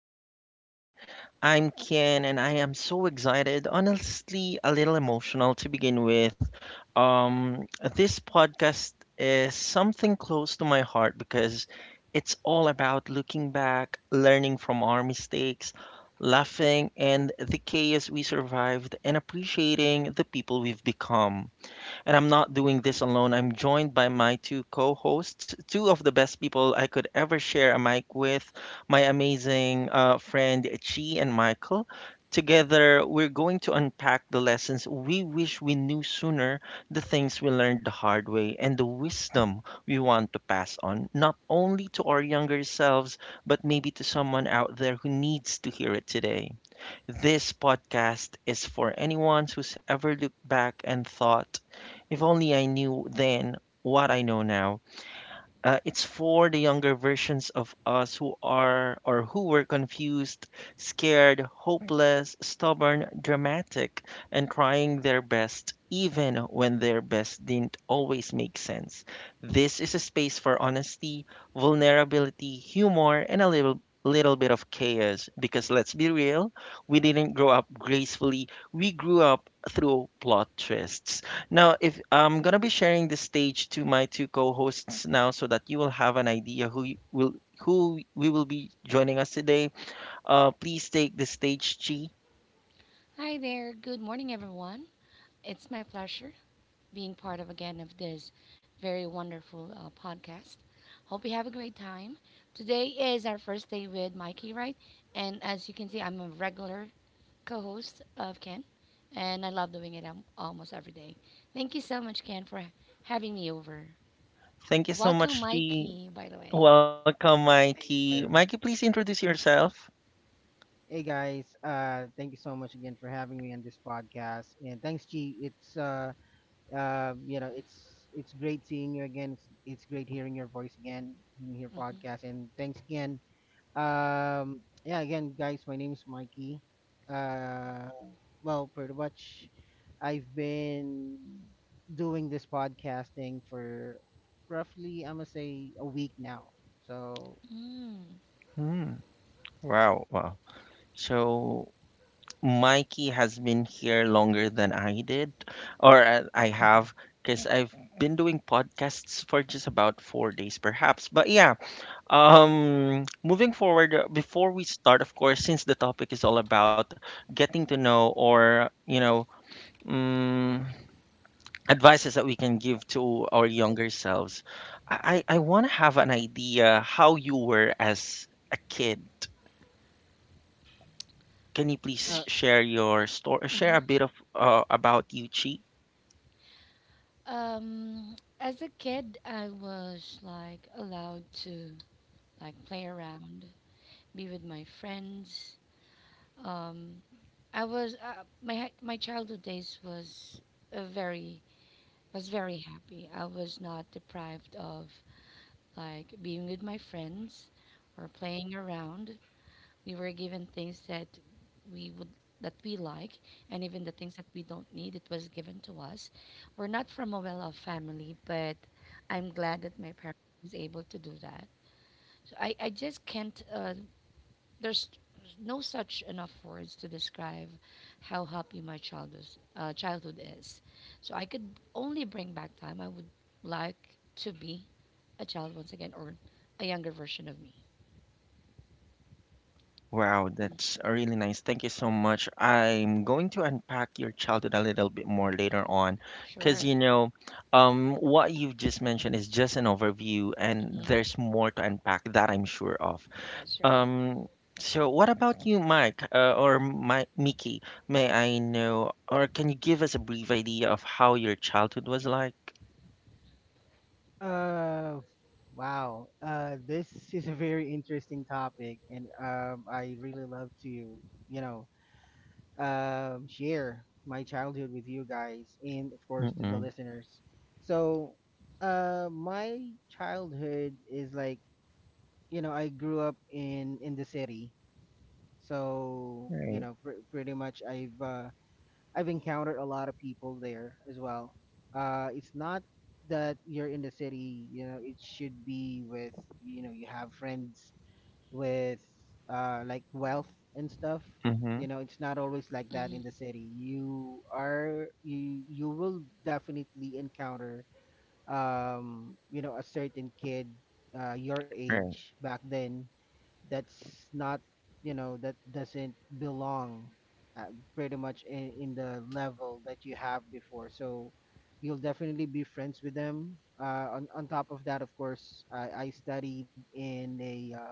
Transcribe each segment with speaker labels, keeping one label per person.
Speaker 1: to the younger me. I'm Ken and I am so excited, honestly a little emotional to begin with. Um this podcast is something close to my heart because it's all about looking back, learning from our mistakes, laughing and the chaos we survived, and appreciating the people we've become. And I'm not doing this alone. I'm joined by my two co hosts, two of the best people I could ever share a mic with, my amazing friend Chi and Michael. Together, we're going to unpack the lessons we wish we knew sooner, the things we learned the hard way, and the wisdom we want to pass on, not only to our younger selves, but maybe to someone out there who needs to hear it today. This podcast is for anyone who's ever looked back and thought, if only I knew then what I know now. It's for the younger versions of us who are or who were confused, scared, hopeless, stubborn, dramatic, and trying their best even when their best didn't always make sense. This is a space for honesty, vulnerability, humor, and a little bit of chaos, because let's be real, we didn't grow up gracefully, we grew up through plot twists. Now, if I'm gonna be sharing the stage to my two co-hosts now, so that you will have an idea who we will be joining us today. Please take the stage, Chi.
Speaker 2: Hi there. Good morning, everyone. It's my pleasure being part of again of this very wonderful podcast. Hope you have a great time. Today is our first day with Mikey, right? And as you can see, I'm a regular co-host of Ken, and I love doing it almost every day. Thank you so much, Ken, for having me over.
Speaker 1: Thank you so
Speaker 2: Welcome,
Speaker 1: much, Chi.
Speaker 2: Mikey. By the way.
Speaker 1: Welcome, Mikey. Mikey,
Speaker 3: You.
Speaker 1: please introduce yourself.
Speaker 3: Hey guys, thank you so much again for having me on this podcast, and thanks, G. It's great seeing you again. It's great hearing your voice again in your
Speaker 2: Mm-hmm.
Speaker 3: podcast, and thanks again. Yeah, again, guys, my name is Mikey. Uh, well, pretty much, I've been doing this podcasting for roughly, I'm gonna say, a week now. So.
Speaker 2: Mm.
Speaker 1: Hmm. Wow. Wow. So Mikey has been here longer than I did, or I have, because I've been doing podcasts for just about 4 days, perhaps. But yeah, moving forward, before we start, of course, since the topic is all about getting to know or, um, advices that we can give to our younger selves, I want to have an idea how you were as a kid. Can you
Speaker 2: Would
Speaker 1: please
Speaker 3: uh,
Speaker 2: you,
Speaker 1: share your story, share a
Speaker 2: hmm
Speaker 1: bit of about you, Chi?
Speaker 2: um, as a kid, I was like allowed to like play around, be with my friends. Um, I was my childhood days was a very was very happy. I was not deprived of like being with my friends or playing around. We were given things that we would that we like, and even the things that we don't need it was given to us. We're not from a well-off family, but I'm glad that my parents was able to do that. So I just can't there's no such enough words to describe how happy my childhood is. So I could only bring back time. I would like to be a child once again, or a younger version of me.
Speaker 1: Wow, that's really nice. Thank you so much. I'm going to unpack your childhood a little bit more later on, because
Speaker 2: Sure.
Speaker 1: what you've just mentioned is just an overview, and
Speaker 2: hmm
Speaker 1: there's more to unpack, that I'm sure of.
Speaker 2: That's right.
Speaker 1: Um, so what about you, Mike, Mickey? May I know, or can you give us a brief idea of how your childhood was like?
Speaker 3: Uh, wow. This is a very interesting topic, and I really love to, know, share my childhood with you guys, and of course to the
Speaker 1: Mm-mm.
Speaker 3: listeners. So, my childhood is like, you know, I grew up in the city, so you
Speaker 1: Right.
Speaker 3: know, pretty much I've encountered a lot of people there as well. It's not that you're in the city, you know, it should be with, you know, you have friends with like wealth and stuff.
Speaker 1: Mm-hmm.
Speaker 3: You know, it's not always like that in the
Speaker 2: Mm-hmm.
Speaker 3: city. You will definitely encounter you know, a certain kid your
Speaker 1: Right.
Speaker 3: age back then that's not, you know, that doesn't belong uh, pretty much in the level that you have before, so you'll definitely be friends with them on top of that, of course I studied in a uh,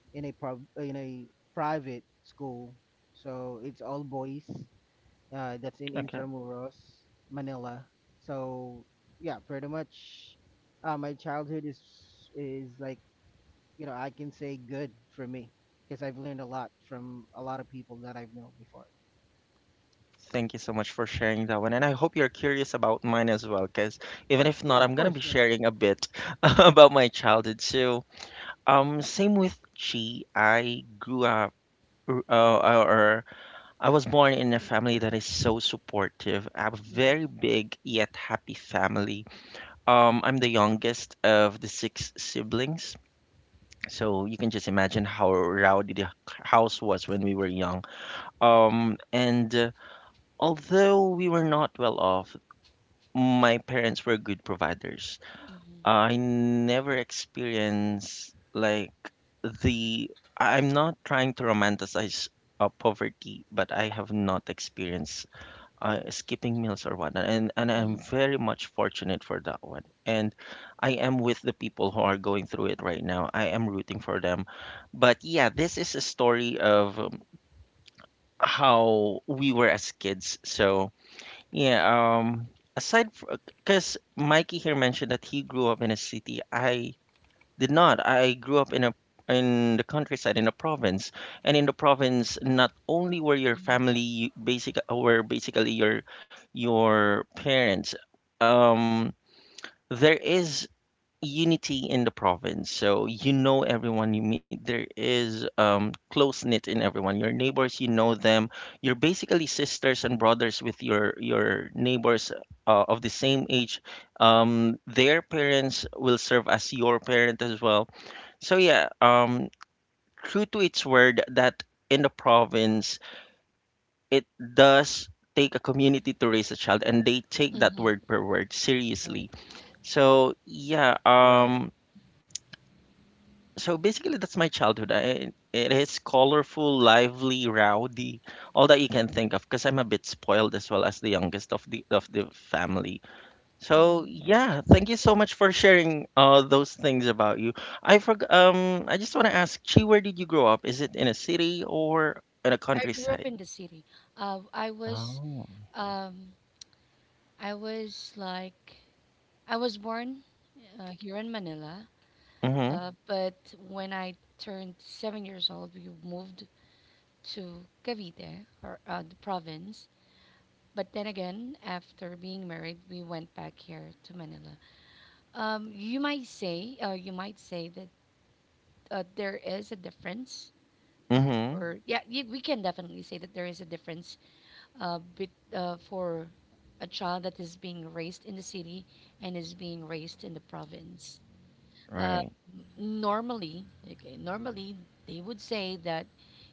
Speaker 3: in a pro- uh, in a private school, so it's all boys that's in
Speaker 1: Okay.
Speaker 3: Intramuros, Manila. So yeah, pretty much, my childhood is like, you know, I can say good for me because I've learned a lot from a lot of people that I've known before.
Speaker 1: Thank you so much for sharing that one. And I hope you're curious about mine as well, because even if not,
Speaker 3: Yeah, of
Speaker 1: I'm going to be
Speaker 3: course.
Speaker 1: sharing a bit about my childhood. So, same with Chi, I grew up. Or I was born in a family that is so supportive, a very
Speaker 2: hmm
Speaker 1: big yet happy family. I'm the youngest of the six siblings, so you can just imagine how rowdy the house was when we were young. And Although we were not well off, my parents were good providers. I never experienced like the I'm not trying to romanticize poverty, but I have not experienced skipping meals or whatnot, and I'm
Speaker 2: hmm
Speaker 1: very much fortunate for that one. And I am with the people who are going through it right now. I am rooting for them. But yeah, this is a story of how we were as kids. So yeah, um, aside, because Mikey here mentioned that he grew up in a city. I did not. I grew up in a in the countryside, in a province. And in the province, not only were your
Speaker 2: hmm
Speaker 1: family you- basic were basically your parents, um, there is unity in the province. So you know everyone you meet. There is close knit in everyone. Your neighbors, you know them. You're basically sisters and brothers with your neighbors of the same age. Their parents will serve as your parent as well. So yeah, true to its word that in the province it does take a community to raise a child, and they take that word per word
Speaker 2: Right.
Speaker 1: seriously. So yeah,
Speaker 3: Right.
Speaker 1: so basically, that's my childhood. I, it is colorful, lively, rowdy, all that you can think of, because I'm a bit spoiled as well, as the youngest of the family. So yeah,
Speaker 2: Okay.
Speaker 1: thank you so much for sharing those things about you. I just want to ask Chi, where did you grow up? Is it in a city or in a
Speaker 2: I grew up
Speaker 1: countryside?
Speaker 2: in the city. Uh, I was
Speaker 1: Oh.
Speaker 2: um, I was like I was born here in Manila.
Speaker 1: Mm-hmm.
Speaker 2: But when I turned 7 years old, we moved to Cavite, or the province. But then again, after being married, we went back here to Manila. You might say that there is a difference,
Speaker 1: Mm-hmm.
Speaker 2: or yeah, y we can definitely say that there is a difference bet for a child that is being raised in the city and is being raised in the province. Uh,
Speaker 1: Right.
Speaker 2: normally, okay, normally they would say that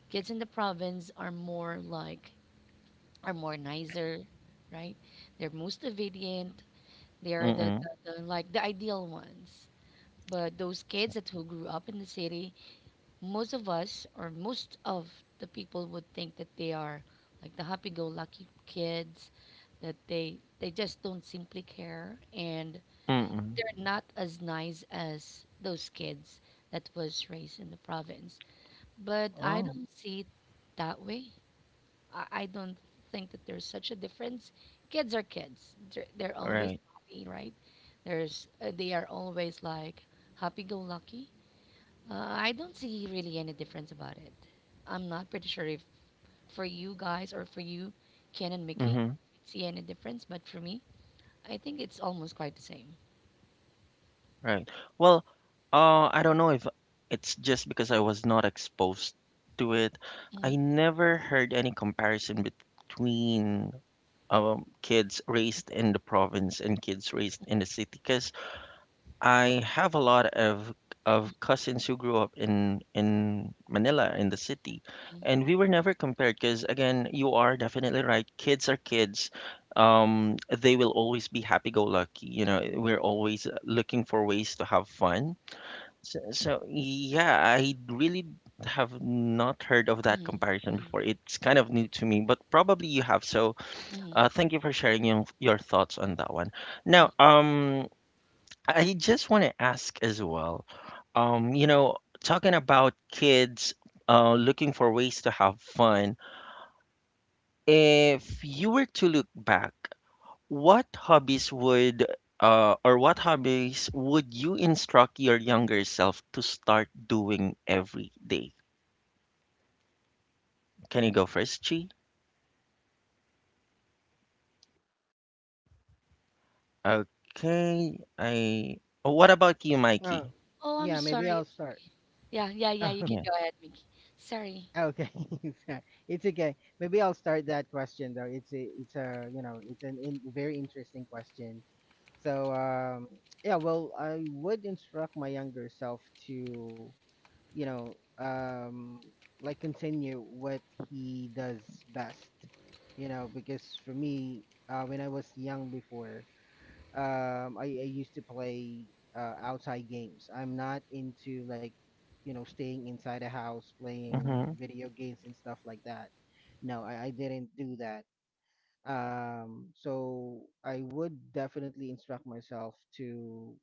Speaker 2: kids in the province are more like are more nicer, right? They're most obedient. They are
Speaker 1: Mm-mm.
Speaker 2: the like the ideal ones. But those kids that who grew up in the city, most of us or most of the people would think that they are like the happy-go-lucky kids, that they just don't simply care, and
Speaker 1: Mm-mm.
Speaker 2: they're not as nice as those kids that was raised in the province. But I
Speaker 1: Oh.
Speaker 2: don't see it that way. I don't think that there's such a difference. Kids are kids. They're always
Speaker 1: Right.
Speaker 2: happy, right? There's they are always like happy-go-lucky. Uh, I don't see really any difference about it. I'm not pretty sure if for you guys or for you, Ken and Mickey,
Speaker 1: Mm-hmm.
Speaker 2: see any difference. But for me, I think it's almost quite the same.
Speaker 1: Right. Well, I don't know if it's just because I was not exposed to it.
Speaker 2: hmm
Speaker 1: I never heard any comparison between kids raised in the province and kids raised in the city, 'cause I have a lot of cousins who grew up in Manila, in the city, and we were never compared because, again, you are definitely right. Kids are kids. They will always be happy-go-lucky. You know, we're always looking for ways to have fun. So, yeah, I really have not heard of that
Speaker 2: hmm
Speaker 1: comparison
Speaker 2: hmm
Speaker 1: before. It's kind of new to me, but probably you have. So,
Speaker 2: hmm
Speaker 1: thank you for sharing your thoughts on that one. Now, I just want to ask as well, um, you know, talking about kids looking for ways to have fun, if you were to look back, what hobbies would what hobbies would you instruct your younger self to start doing every day? Can you go first, Chi? Okay, I. Oh, what about you, Mikey?
Speaker 3: Uh,
Speaker 2: Oh, I'm
Speaker 3: yeah, maybe
Speaker 2: sorry. I'm
Speaker 3: I'll start.
Speaker 2: sorry. Yeah, yeah, yeah. You can
Speaker 1: Yeah.
Speaker 2: go ahead, Mickey. Sorry.
Speaker 3: Oh, okay. Sorry. It's okay. Maybe I'll start that question though. It's a, you know, It's very interesting question. So, yeah, well, I would instruct my younger self to, you know, um, like continue what he does best, you know, because for me, when I was young before, I used to play outside games. I'm not into like, you know, staying inside a house playing
Speaker 1: Mm-hmm.
Speaker 3: video games and stuff like that. No, I didn't do that. So I would definitely instruct myself to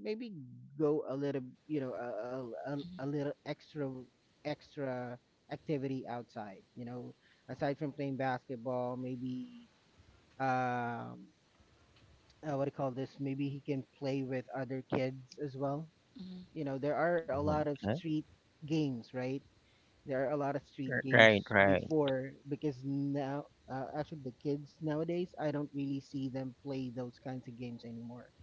Speaker 3: maybe go a little, you know, a little extra extra activity outside, you know, aside from playing basketball maybe. um what do you call this? Maybe he can play with other kids as well.
Speaker 2: Mm-hmm.
Speaker 3: You know, there are a lot of
Speaker 1: Okay.
Speaker 3: street games, right? There are a lot of street
Speaker 1: Right,
Speaker 3: games
Speaker 1: right,
Speaker 3: before because now, actually the kids nowadays, I don't really see them play those kinds of games anymore.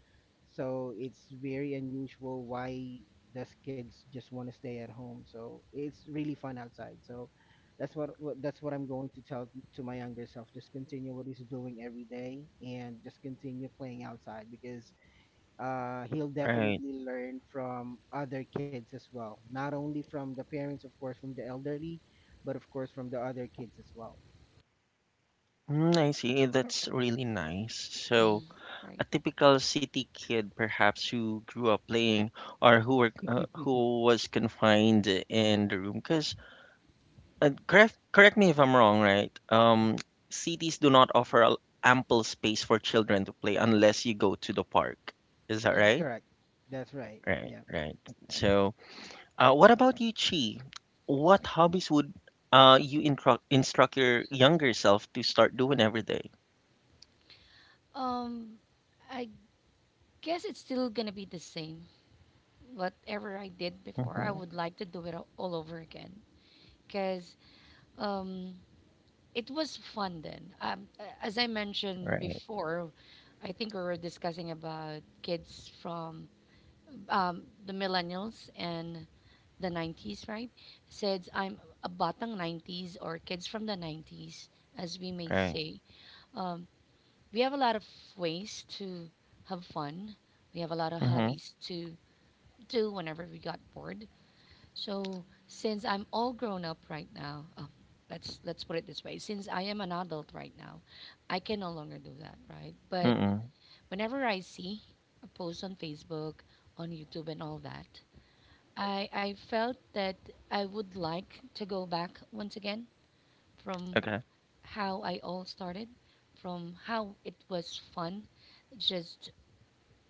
Speaker 3: So it's very unusual why those kids just want to stay at home. So it's really fun outside. So that's that's what I'm going to tell to my younger self. Just continue what he's doing every day and just continue playing outside because he'll
Speaker 1: right.
Speaker 3: definitely learn from other kids as well. Not only from the parents, of course, from the elderly, but of course from the other kids as well.
Speaker 1: Mm, I see. That's really nice.
Speaker 2: Mm-hmm.
Speaker 1: So,
Speaker 2: Right.
Speaker 1: a typical city kid, perhaps, who grew up playing, or who were who was confined in the room, because correct me if I'm wrong, right? Cities do not offer ample space for children to play unless you go to the park. Is that right?
Speaker 3: Correct. That's right.
Speaker 1: Right.
Speaker 3: Yeah.
Speaker 1: Right. So, what about you, Chi? What hobbies would you instruct your younger self to start doing every day?
Speaker 2: Um, I guess it's still gonna be the same. Whatever I did before, I
Speaker 1: Mm-hmm.
Speaker 2: would like to do it all over again because um, it was fun then. As I mentioned
Speaker 1: Right,
Speaker 2: before, I think we were discussing about kids from um, the millennials and the 90s, right? Said I'm a batang 90s or kids from the 90s, as we may
Speaker 1: right.
Speaker 2: say. Um, we have a lot of ways to have fun. We have a lot of
Speaker 1: Mm-hmm.
Speaker 2: hobbies to do whenever we got bored. So since I'm all grown up right now, oh, let's put it this way: since I am an adult right now, I can no longer do that, right? But
Speaker 1: Mm-mm.
Speaker 2: whenever I see a post on Facebook, on YouTube, and all that, I felt that I would like to go back once again from
Speaker 1: Okay.
Speaker 2: how I all started, from how it was fun just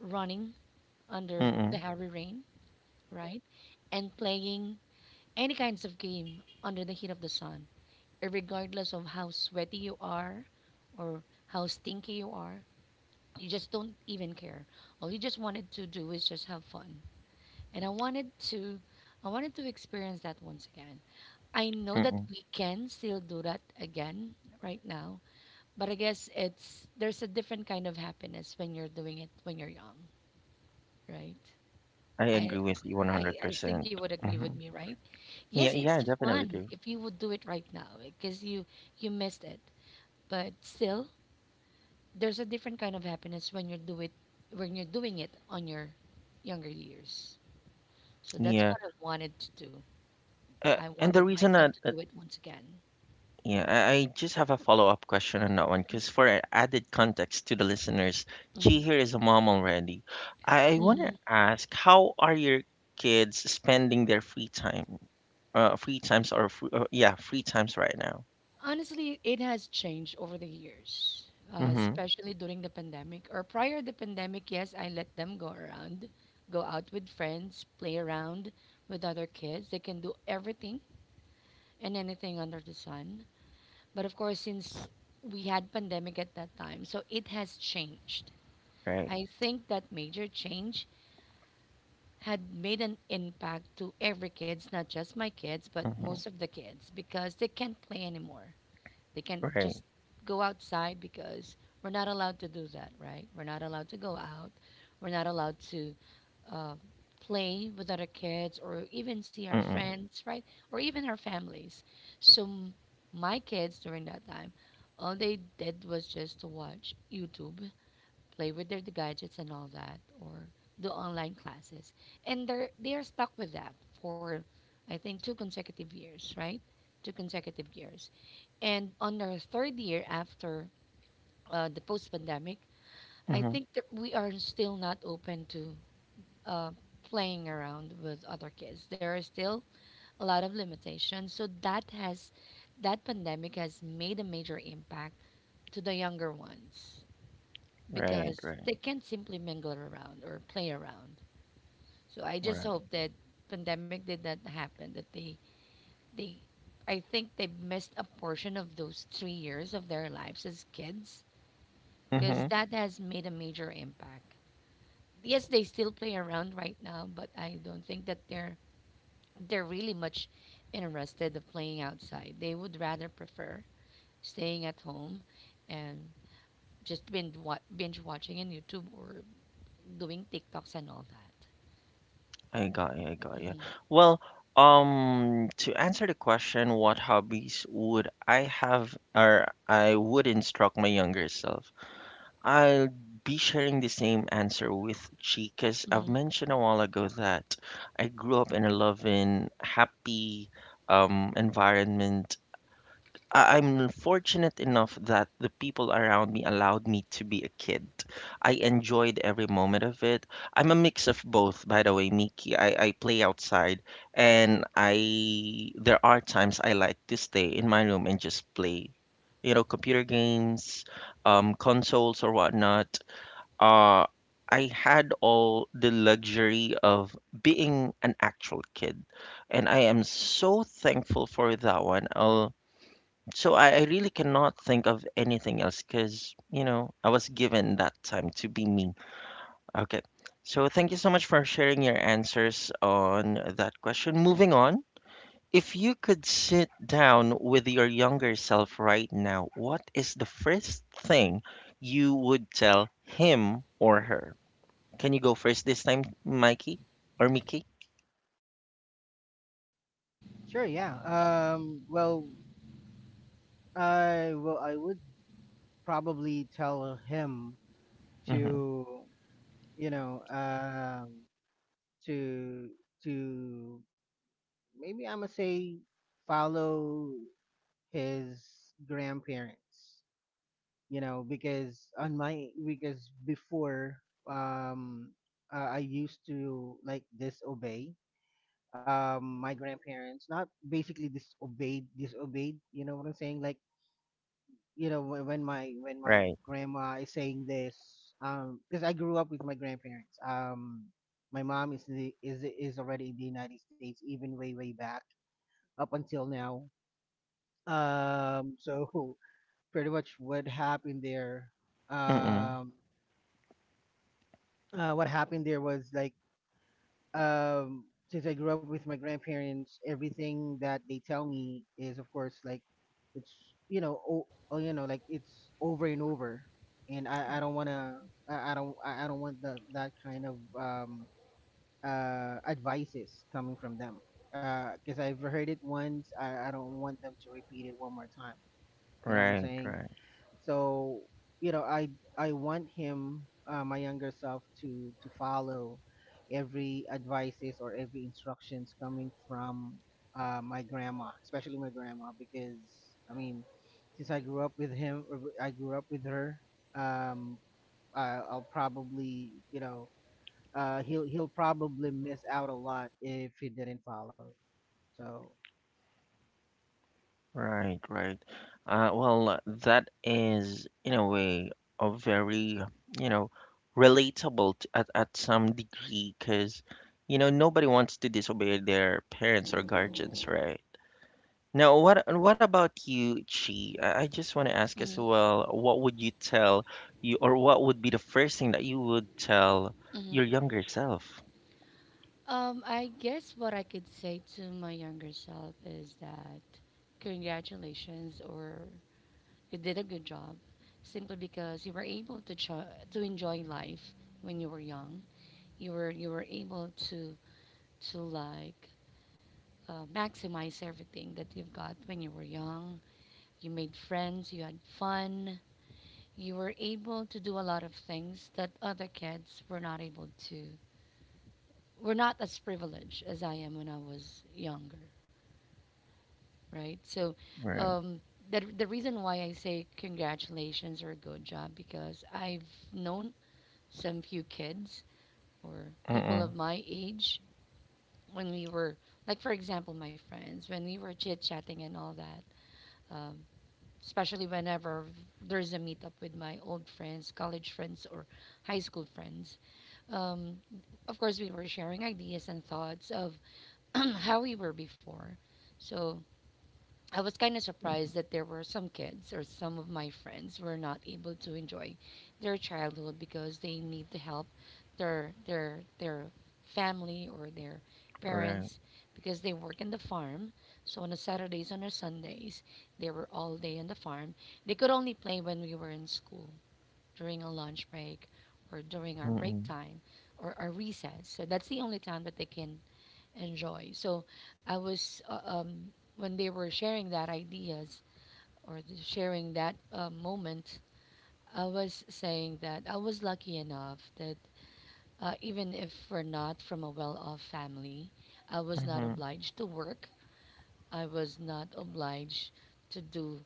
Speaker 2: running under the
Speaker 1: Mm-mm.
Speaker 2: heavy rain, right? And playing any kinds of game under the heat of the sun, regardless of how sweaty you are or how stinky you are, you just don't even care. All you just wanted to do is just have fun. And I wanted to experience that once again. I know that
Speaker 1: Mm-mm.
Speaker 2: we can still do that again right now, but I guess it's there's a different kind of happiness when you're doing it when you're young, right?
Speaker 1: I
Speaker 2: I,
Speaker 1: agree with you
Speaker 2: I I think
Speaker 1: 100%.
Speaker 2: you would agree with
Speaker 1: Hmm.
Speaker 2: me, right? Yes,
Speaker 1: Yeah,
Speaker 2: it's
Speaker 1: yeah, definitely
Speaker 2: fun
Speaker 1: do.
Speaker 2: if you would do it right now because you missed it. But still, there's a different kind of happiness when you do it when you're doing it on your younger years. So that's
Speaker 1: Yeah.
Speaker 2: what I wanted to do. I
Speaker 1: And
Speaker 2: wanted
Speaker 1: the reason
Speaker 2: myself
Speaker 1: that,
Speaker 2: to
Speaker 1: that
Speaker 2: do it once again.
Speaker 1: yeah, I just have a follow-up question on that one, because for added context to the listeners, she here is a mom already. I, want to
Speaker 2: Mm-hmm.
Speaker 1: ask, how are your kids spending their free time? Free times or free, yeah, free times right now.
Speaker 2: Honestly, it has changed over the years,
Speaker 1: Mm-hmm.
Speaker 2: especially during the pandemic or prior the pandemic. Yes, I let them go around, go out with friends, play around with other kids. They can do everything and anything under the sun. But of course, since we had pandemic at that time, so it has changed.
Speaker 1: Right.
Speaker 2: I think that major change had made an impact to every kids, not just my kids, but
Speaker 1: Mm-hmm.
Speaker 2: most of the kids because they can't play anymore. They can't
Speaker 1: Right.
Speaker 2: just go outside because we're not allowed to do that, right? We're not allowed to go out. We're not allowed to uh, play with other kids or even see our
Speaker 1: Mm-hmm.
Speaker 2: friends, right? Or even our families. So m- my kids during that time, all they did was just to watch YouTube, play with their gadgets and all that, or do online classes, and they are stuck with that for, I think, two consecutive years, right? Two consecutive years, and on our third year after the post-pandemic, I
Speaker 1: Mm-hmm.
Speaker 2: think that we are still not open to uh, playing around with other kids. There are still a lot of limitations, so that pandemic has made a major impact to the younger ones
Speaker 1: Right.
Speaker 2: because
Speaker 1: Right.
Speaker 2: they can't simply mingle around or play around. So I just
Speaker 1: Right.
Speaker 2: hope that pandemic did not happen. That they, I think they missed a portion of those 3 years of their lives as kids because
Speaker 1: Mm-hmm.
Speaker 2: that has made a major impact. Yes, they still play around right now, but I don't think that they're really much interested of playing outside. They would rather prefer staying at home and just binge watching on YouTube or doing TikToks and all that.
Speaker 1: I got you, I got you.
Speaker 2: Mhm,
Speaker 1: Well, to answer the question, what hobbies would I have, or I would instruct my younger self? I'll be sharing the same answer with Chi, because I've
Speaker 2: mhm,
Speaker 1: mentioned a while ago that I grew up in a loving, happy, environment. I'm fortunate enough that the people around me allowed me to be a kid. I enjoyed every moment of it. I'm a mix of both, by the way, Miki. I play outside, and I there are times I like to stay in my room and just play, you know, computer games, consoles or whatnot. Uh I had all the luxury of being an actual kid, and I am so thankful for that one. I'll. So I really cannot think of anything else because, I was given that time to be me. Okay. So thank you so much for sharing your answers on that question. Moving on, if you could sit down with your younger self right now, what is the first thing you would tell him or her? Can you go first this time, Mikey or Mickey?
Speaker 3: Sure. Yeah. Well, I would probably tell him
Speaker 1: Mm-hmm.
Speaker 3: to, you know um to to maybe, I'm gonna say, follow his grandparents, you know, because on my because before, um I used to like disobey, my grandparents, not basically disobeyed, you know what I'm saying, like, you know, when my
Speaker 1: Right.
Speaker 3: grandma is saying this, because I grew up with my grandparents. My mom is already in the United States, even way way back up until now. So pretty much what happened there,
Speaker 1: Mm-mm.
Speaker 3: um what happened there was like, um since I grew up with my grandparents, everything that they tell me is of course like, it's you know o- oh you know like, it's over and over, and I don't wanna I don't want that kind of, advices coming from them because I've heard it once. I don't want them to repeat it one more time. You know what I'm
Speaker 1: Right,
Speaker 3: saying?
Speaker 1: right.
Speaker 3: So, you know, I want him, my younger self, to follow every advices or every instructions coming from, my grandma, especially my grandma, because I mean, since I grew up with him, or I grew up with her, um I, I'll probably, you know, he'll, he'll probably miss out a lot if he didn't follow. So
Speaker 1: Right, right. Well, that is, in a way, a very, you know, relatable t at some degree, because, nobody wants to disobey their parents or guardians, right? Now, what about you, Chi? I just want to ask as
Speaker 2: mhm,
Speaker 1: well, what would you tell you, or what would be the first thing that you would tell
Speaker 2: mhm.
Speaker 1: your younger self?
Speaker 2: I guess what I could say to my younger self is that congratulations, or you did a good job, simply because you were able to to enjoy life when you were young. You were able to to like maximize everything that you've got when you were young. You made friends, you had fun, you were able to do a lot of things that other kids were not able to. We're not as privileged as I am when I was younger, right? So,
Speaker 1: Right.
Speaker 2: um, the reason why I say congratulations or good job because I've known some few kids or people
Speaker 1: Mm-mm.
Speaker 2: of my age when we were like, for example, my friends when we were chit chatting and all that, um, especially whenever there's a meetup with my old friends, college friends or high school friends. Um, of course, we were sharing ideas and thoughts of how we were before. So I was kind of surprised that there were some kids or some of my friends were not able to enjoy their childhood because they need to help their family or their
Speaker 1: Right.
Speaker 2: parents because they work in the farm. So on the Saturdays, on the Sundays, they were all day in the farm. They could only play when we were in school during a lunch break or during our break
Speaker 1: Mm-mm.
Speaker 2: time or our recess. So that's the only time that they can and joy. So I was when they were sharing that ideas or the sharing that moment, I was saying that I was lucky enough that even if we're not from a well-off family, I was not
Speaker 1: Mm-hmm.
Speaker 2: obliged to work. I was not obliged to do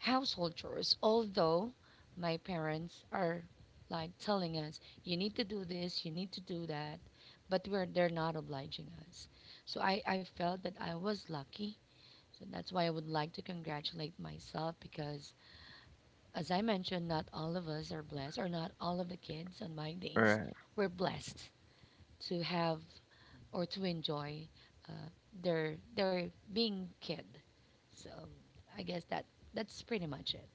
Speaker 2: household chores, although my parents are like telling us, you need to do this, you need to do that, but they're not obliging us. So I felt that I was lucky. So that's why I would like to congratulate myself because, as I mentioned, not all of us are blessed, or not all of the kids on my days
Speaker 1: Right.
Speaker 2: were blessed to have or to enjoy uh, their being kid. So I guess that that's pretty much it.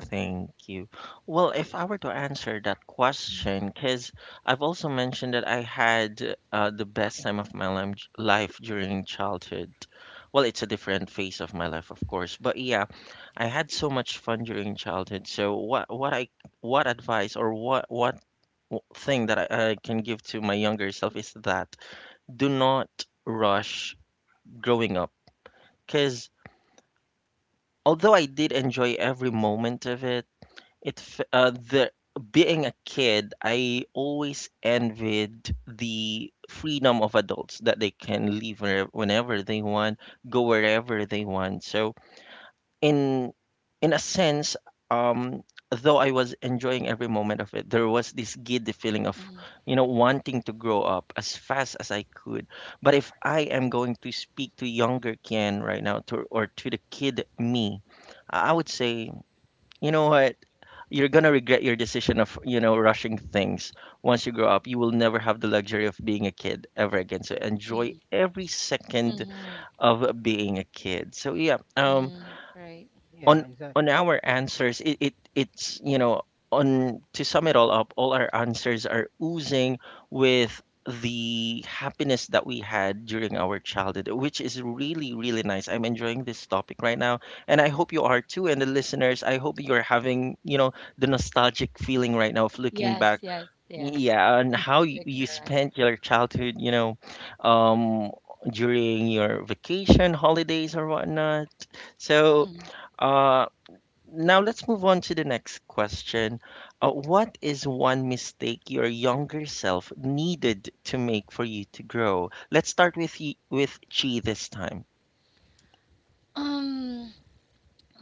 Speaker 1: Thank you. Well, if I were to answer that question, because I've also mentioned that I had the best time of my life during childhood. Well, it's a different phase of my life, of course, but yeah, I had so much fun during childhood. So what advice, or thing that I can give to my younger self is that do not rush growing up, because although I did enjoy every moment of it, It f- the being a kid, I always envied the freedom of adults, that they can leave whenever they want, go wherever they want. So in in a sense, um, though I was enjoying every moment of it, there was this giddy feeling of, wanting to grow up as fast as I could. But if I am going to speak to younger Ken right now, to or to the kid me, I would say, you know what? You're gonna regret your decision of rushing things. Once you grow up, you will never have the luxury of being a kid ever again, so enjoy every second
Speaker 2: Mhm.
Speaker 1: of being a kid. So yeah,
Speaker 2: Mhm. Right.
Speaker 1: on
Speaker 3: yeah, exactly.
Speaker 1: on our answers it, it it's you know on to sum it all up, all our answers are oozing with the happiness that we had during our childhood, which is really really nice. I'm enjoying this topic right now, and I hope you are too, and the listeners, I hope you're having the nostalgic feeling right now of looking
Speaker 2: Yes,
Speaker 1: back.
Speaker 2: yes, yes.
Speaker 1: Yeah, and how
Speaker 2: You're
Speaker 1: you
Speaker 2: correct.
Speaker 1: spent your childhood, you know, um, during your vacation, holidays, or whatnot. So,
Speaker 2: Mm.
Speaker 1: uh, now let's move on to the next question. What is one mistake your younger self needed to make for you to grow? Let's start with with Chi this time.
Speaker 2: Um,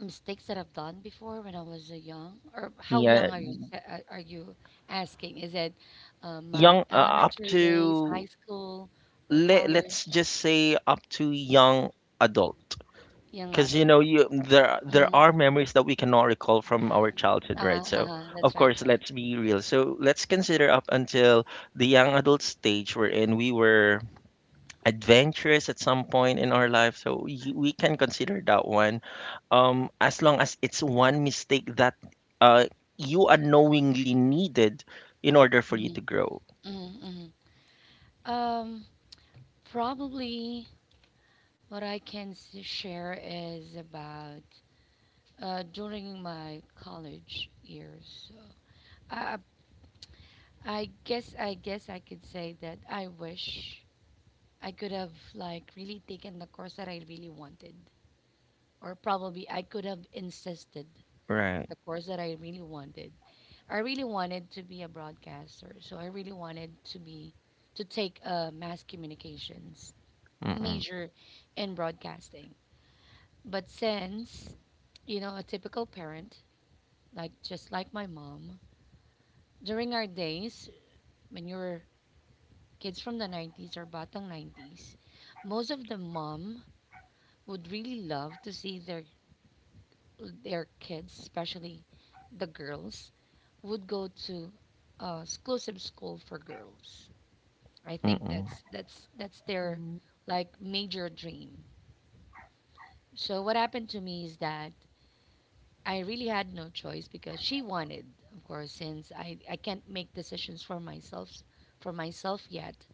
Speaker 2: mistakes that I've done before when I was young, or how
Speaker 1: Yeah,
Speaker 2: young are you? Are you asking? Is it my
Speaker 1: young up
Speaker 2: elementary days,
Speaker 1: to
Speaker 2: high school, or
Speaker 1: let let's
Speaker 2: college?
Speaker 1: just say up to young adult.
Speaker 2: Young
Speaker 1: Because you
Speaker 2: adult.
Speaker 1: know you there
Speaker 2: Mm-hmm.
Speaker 1: are memories that we cannot recall from our childhood, right?
Speaker 2: Uh-huh,
Speaker 1: So
Speaker 2: uh-huh.
Speaker 1: of
Speaker 2: That's right,
Speaker 1: course
Speaker 2: right.
Speaker 1: let's be real, so let's consider up until the young adult stage wherein we were adventurous at some point in our life, so we can consider that one. As long as it's one mistake that uh you unknowingly needed in order for you to
Speaker 2: Mm-hmm.
Speaker 1: grow.
Speaker 2: Mm-hmm. Um, probably what I can share is about during my college years. So I, I I guess I could say that I wish I could have really taken the course that I really wanted, or probably I could have insisted
Speaker 1: Right.
Speaker 2: the course that I really wanted. I really wanted to be a broadcaster, so I really wanted to take a mass communications
Speaker 1: Mm-mm.
Speaker 2: major in broadcasting. But since a typical parent, like just like my mom, during our days when you're kids from the 90s or batang 90s, most of the mom would really love to see their kids, especially the girls, would go to exclusive school for girls. I think
Speaker 1: Mm-mm.
Speaker 2: that's their
Speaker 3: Yeah.
Speaker 2: like major dream. So what happened to me is that I really had no choice because she wanted, of course, since I can't make decisions for myself yet.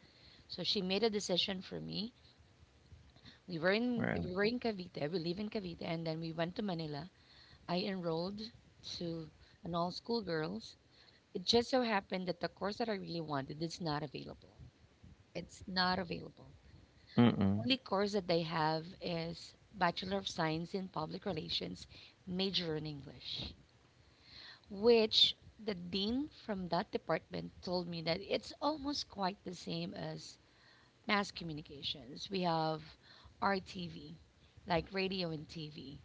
Speaker 2: So she made a decision for me. We were in
Speaker 1: Right.
Speaker 2: we were in Cavite. We live in Cavite, and then we went to Manila. I enrolled to an all school girls. It just so happened that the course that I really wanted is not available. It's not available.
Speaker 1: Mm-mm.
Speaker 2: Only course that they have is Bachelor of Science in Public Relations, major in English, which the dean from that department told me that it's almost quite the same as mass communications. We have RTV, like radio and TV.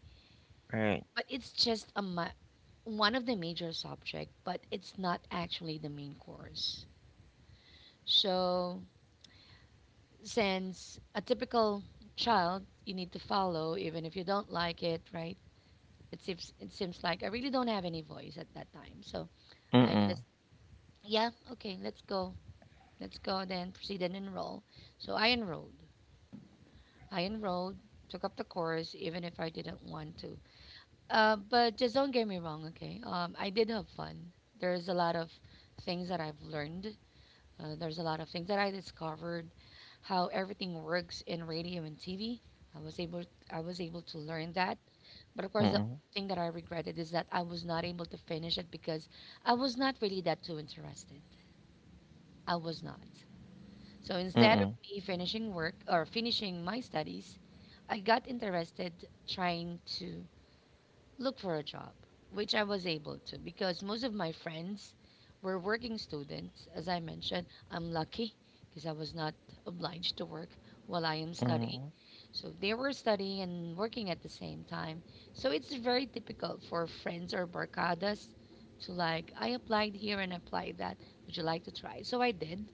Speaker 1: Right.
Speaker 2: But it's just a ma- One of the major subject, but it's not actually the main course. So since a typical child, you need to follow even if you don't like it, right? It seems like I really don't have any voice at that time. So I
Speaker 1: Mm-mm.
Speaker 2: just, yeah, okay, let's go then proceed and enroll. So I enrolled. I enrolled, took up the course even if I didn't want to. But just don't get me wrong, okay? I did have fun. There's a lot of things that I've learned. There's a lot of things that I discovered, how everything works in radio and TV. I was able, I was able to learn that. But of course, the
Speaker 1: Mm-mm.
Speaker 2: thing that I regretted is that I was not able to finish it because I was not really that too interested. I was not. So instead of
Speaker 1: Mm-mm.
Speaker 2: me finishing work or finishing my studies, I got interested trying to look for a job, which I was able to because most of my friends were working students. As I mentioned, I'm lucky because I was not obliged to work while I am studying.
Speaker 1: Mm-mm.
Speaker 2: So they were studying and working at the same time. So it's very difficult for friends or barcadas to like, I applied here and applied that. Would you like to try? So I did.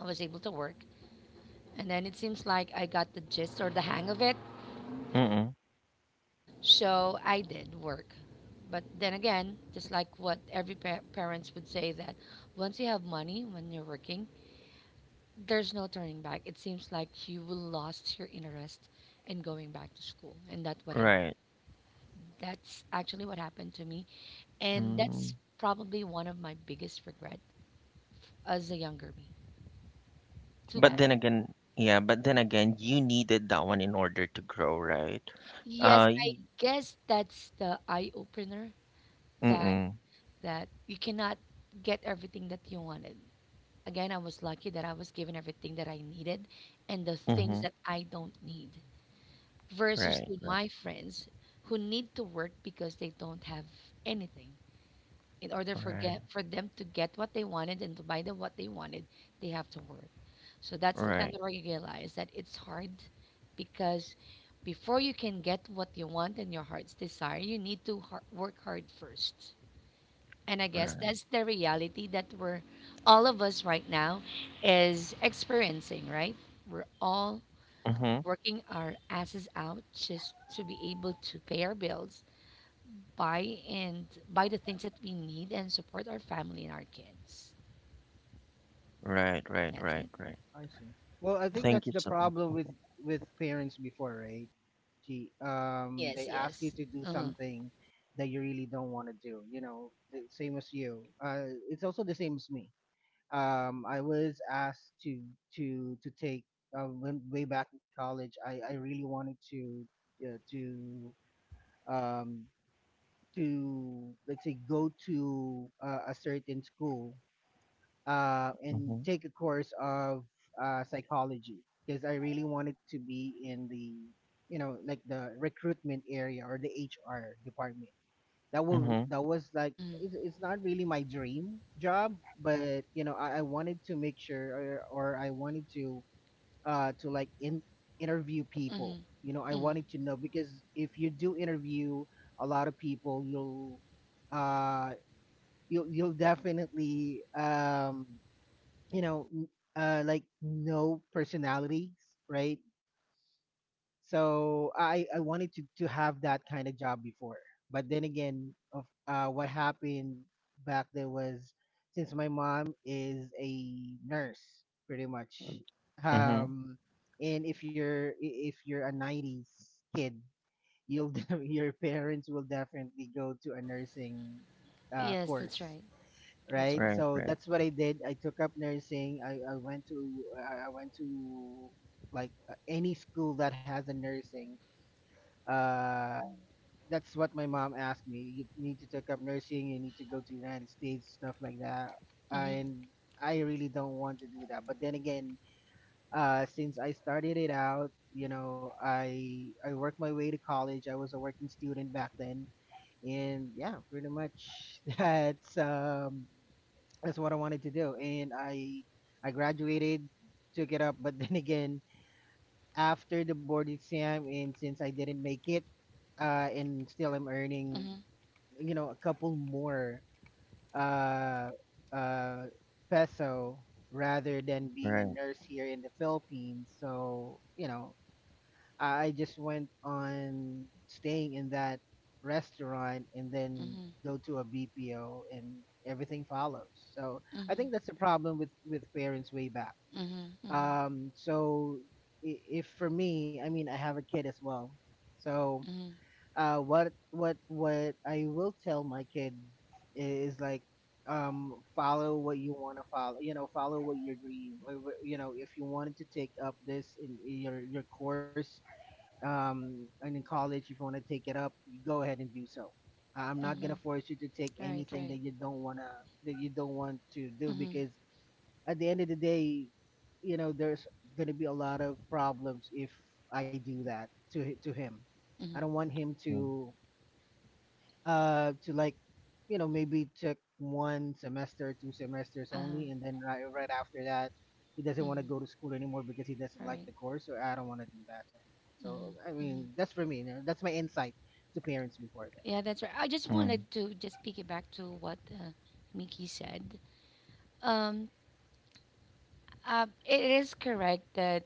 Speaker 2: I was able to work. And then it seems like I got the gist or the hang of it.
Speaker 1: Mm-mm.
Speaker 2: So I did work. But then again, just like what every parents would say that once you have money when you're working, there's no turning back. It seems like you will lost your interest in going back to school, and that's what happened.
Speaker 1: Right.
Speaker 2: That's actually what happened to me, and that's
Speaker 1: Mm.
Speaker 2: probably one of my biggest regret as a younger me. Too
Speaker 1: But
Speaker 2: bad.
Speaker 1: then again, yeah, but then again, you needed that one in order to grow, right?
Speaker 2: Yes,
Speaker 1: Uh,
Speaker 2: I
Speaker 1: y-
Speaker 2: guess that's the eye opener that
Speaker 1: mm-mm.
Speaker 2: you cannot get everything that you wanted. Again, I was lucky that I was given everything that I needed and the things
Speaker 1: Mm-hmm.
Speaker 2: that I don't need versus
Speaker 1: Right,
Speaker 2: to
Speaker 1: right.
Speaker 2: my friends who need to work because they don't have anything. In order for
Speaker 1: Right,
Speaker 2: get, For them to get what they wanted and to buy them what they wanted, they have to work. So that's the time
Speaker 1: right.
Speaker 2: that I realized that it's hard because before you can get what you want and your heart's desire, you need to har work hard first. And I guess
Speaker 1: Right.
Speaker 2: that's the reality that we're all of us right now is experiencing, right? We're all
Speaker 1: Mm-hmm.
Speaker 2: working our asses out just to be able to pay our bills, buy and buy the things that we need and support our family and our kids.
Speaker 1: Right, right.
Speaker 2: That's
Speaker 1: Right,
Speaker 2: it.
Speaker 3: Mm,
Speaker 1: right.
Speaker 3: I see. Well, I think
Speaker 1: Thank
Speaker 3: that's
Speaker 1: you
Speaker 3: the
Speaker 1: so much.
Speaker 3: problem with parents before, right? Gee,
Speaker 2: Yes,
Speaker 3: they ask you
Speaker 2: yes.
Speaker 3: to do
Speaker 2: Uh-huh.
Speaker 3: something that you really don't want to do. You know, the same as you. It's also the same as me. I was asked to take, when way back in college. I really wanted to, uh, to um let's say go to a certain school and
Speaker 1: Mm-hmm.
Speaker 3: take a course of psychology because I really wanted to be in the, you know, like the recruitment area or the HR department.
Speaker 1: Mm-hmm.
Speaker 3: That was like,
Speaker 2: Mhm.
Speaker 3: it's not really my dream job, but you know, I wanted to make sure, or I wanted to, uh, to like in, interview people.
Speaker 2: Mhm.
Speaker 3: You know, I wanted
Speaker 2: Mhm.
Speaker 3: to know because if you do interview a lot of people, you'll, uh, you'll definitely you know n- like no personalities, right? So I wanted to have that kind of job before. But then again, of what happened back there was, since my mom is a nurse, pretty much,
Speaker 1: Mm-hmm.
Speaker 3: um and if you're, if you're a 90s kid, you'll your parents will definitely go to a nursing
Speaker 2: Yes, that's
Speaker 3: course,
Speaker 2: right. That's
Speaker 3: right?
Speaker 2: right.
Speaker 1: Right,
Speaker 3: So
Speaker 1: right,
Speaker 3: that's what I did. I took up nursing. I went to, I went to like, any school that has a nursing. Uh, that's what my mom asked me. You need to take up nursing. You need to go to the United States, stuff like that.
Speaker 2: Mhm.
Speaker 3: And I really don't want to do that. But then again, since I started it out, you know, I worked my way to college. I was a working student back then, and yeah, pretty much that's what I wanted to do. And I graduated, took it up, but then again, after the board exam and since I didn't make it, and still I'm earning,
Speaker 2: Mhm.
Speaker 3: you know, a couple more uh uh peso rather than being
Speaker 1: right,
Speaker 3: a
Speaker 1: right.
Speaker 3: nurse here in the Philippines. So, you know, I just went on staying in that restaurant and then
Speaker 2: Mhm.
Speaker 3: go to a BPO, and everything follows. So I
Speaker 2: Mhm.
Speaker 3: think that's the problem with parents way back.
Speaker 2: Mhm. Mhm.
Speaker 3: So if for me, I mean, I have a kid as well. So,
Speaker 2: Mhm.
Speaker 3: what I will tell my kid is like, follow what you want to follow. You know, follow what your dream, or, you know, if you wanted to take up this in your course, and in college, if you want to take it up, go ahead and do so. I'm not
Speaker 2: Mhm.
Speaker 3: gonna force you to take
Speaker 2: Right,
Speaker 3: anything
Speaker 2: right.
Speaker 3: that you don't wanna, that you don't want to do,
Speaker 2: Mhm.
Speaker 3: because at the end of the day, you know, there's gonna be a lot of problems if I do that to him. I
Speaker 2: Mhm.
Speaker 3: don't want him to, uh to like you know, maybe took one semester, two semesters
Speaker 2: Uh-huh.
Speaker 3: only, and then right, right after that, he doesn't want to
Speaker 2: Mhm.
Speaker 3: go to school anymore because he doesn't like
Speaker 2: Right.
Speaker 3: the course. So I don't want to do that to him. So
Speaker 2: Mhm.
Speaker 3: I mean, that's for me, you know, that's my insight to parents before that.
Speaker 2: Yeah, that's right. I just
Speaker 1: Mm-hmm.
Speaker 2: wanted to just piggyback to what Mickey said. Um, it is correct that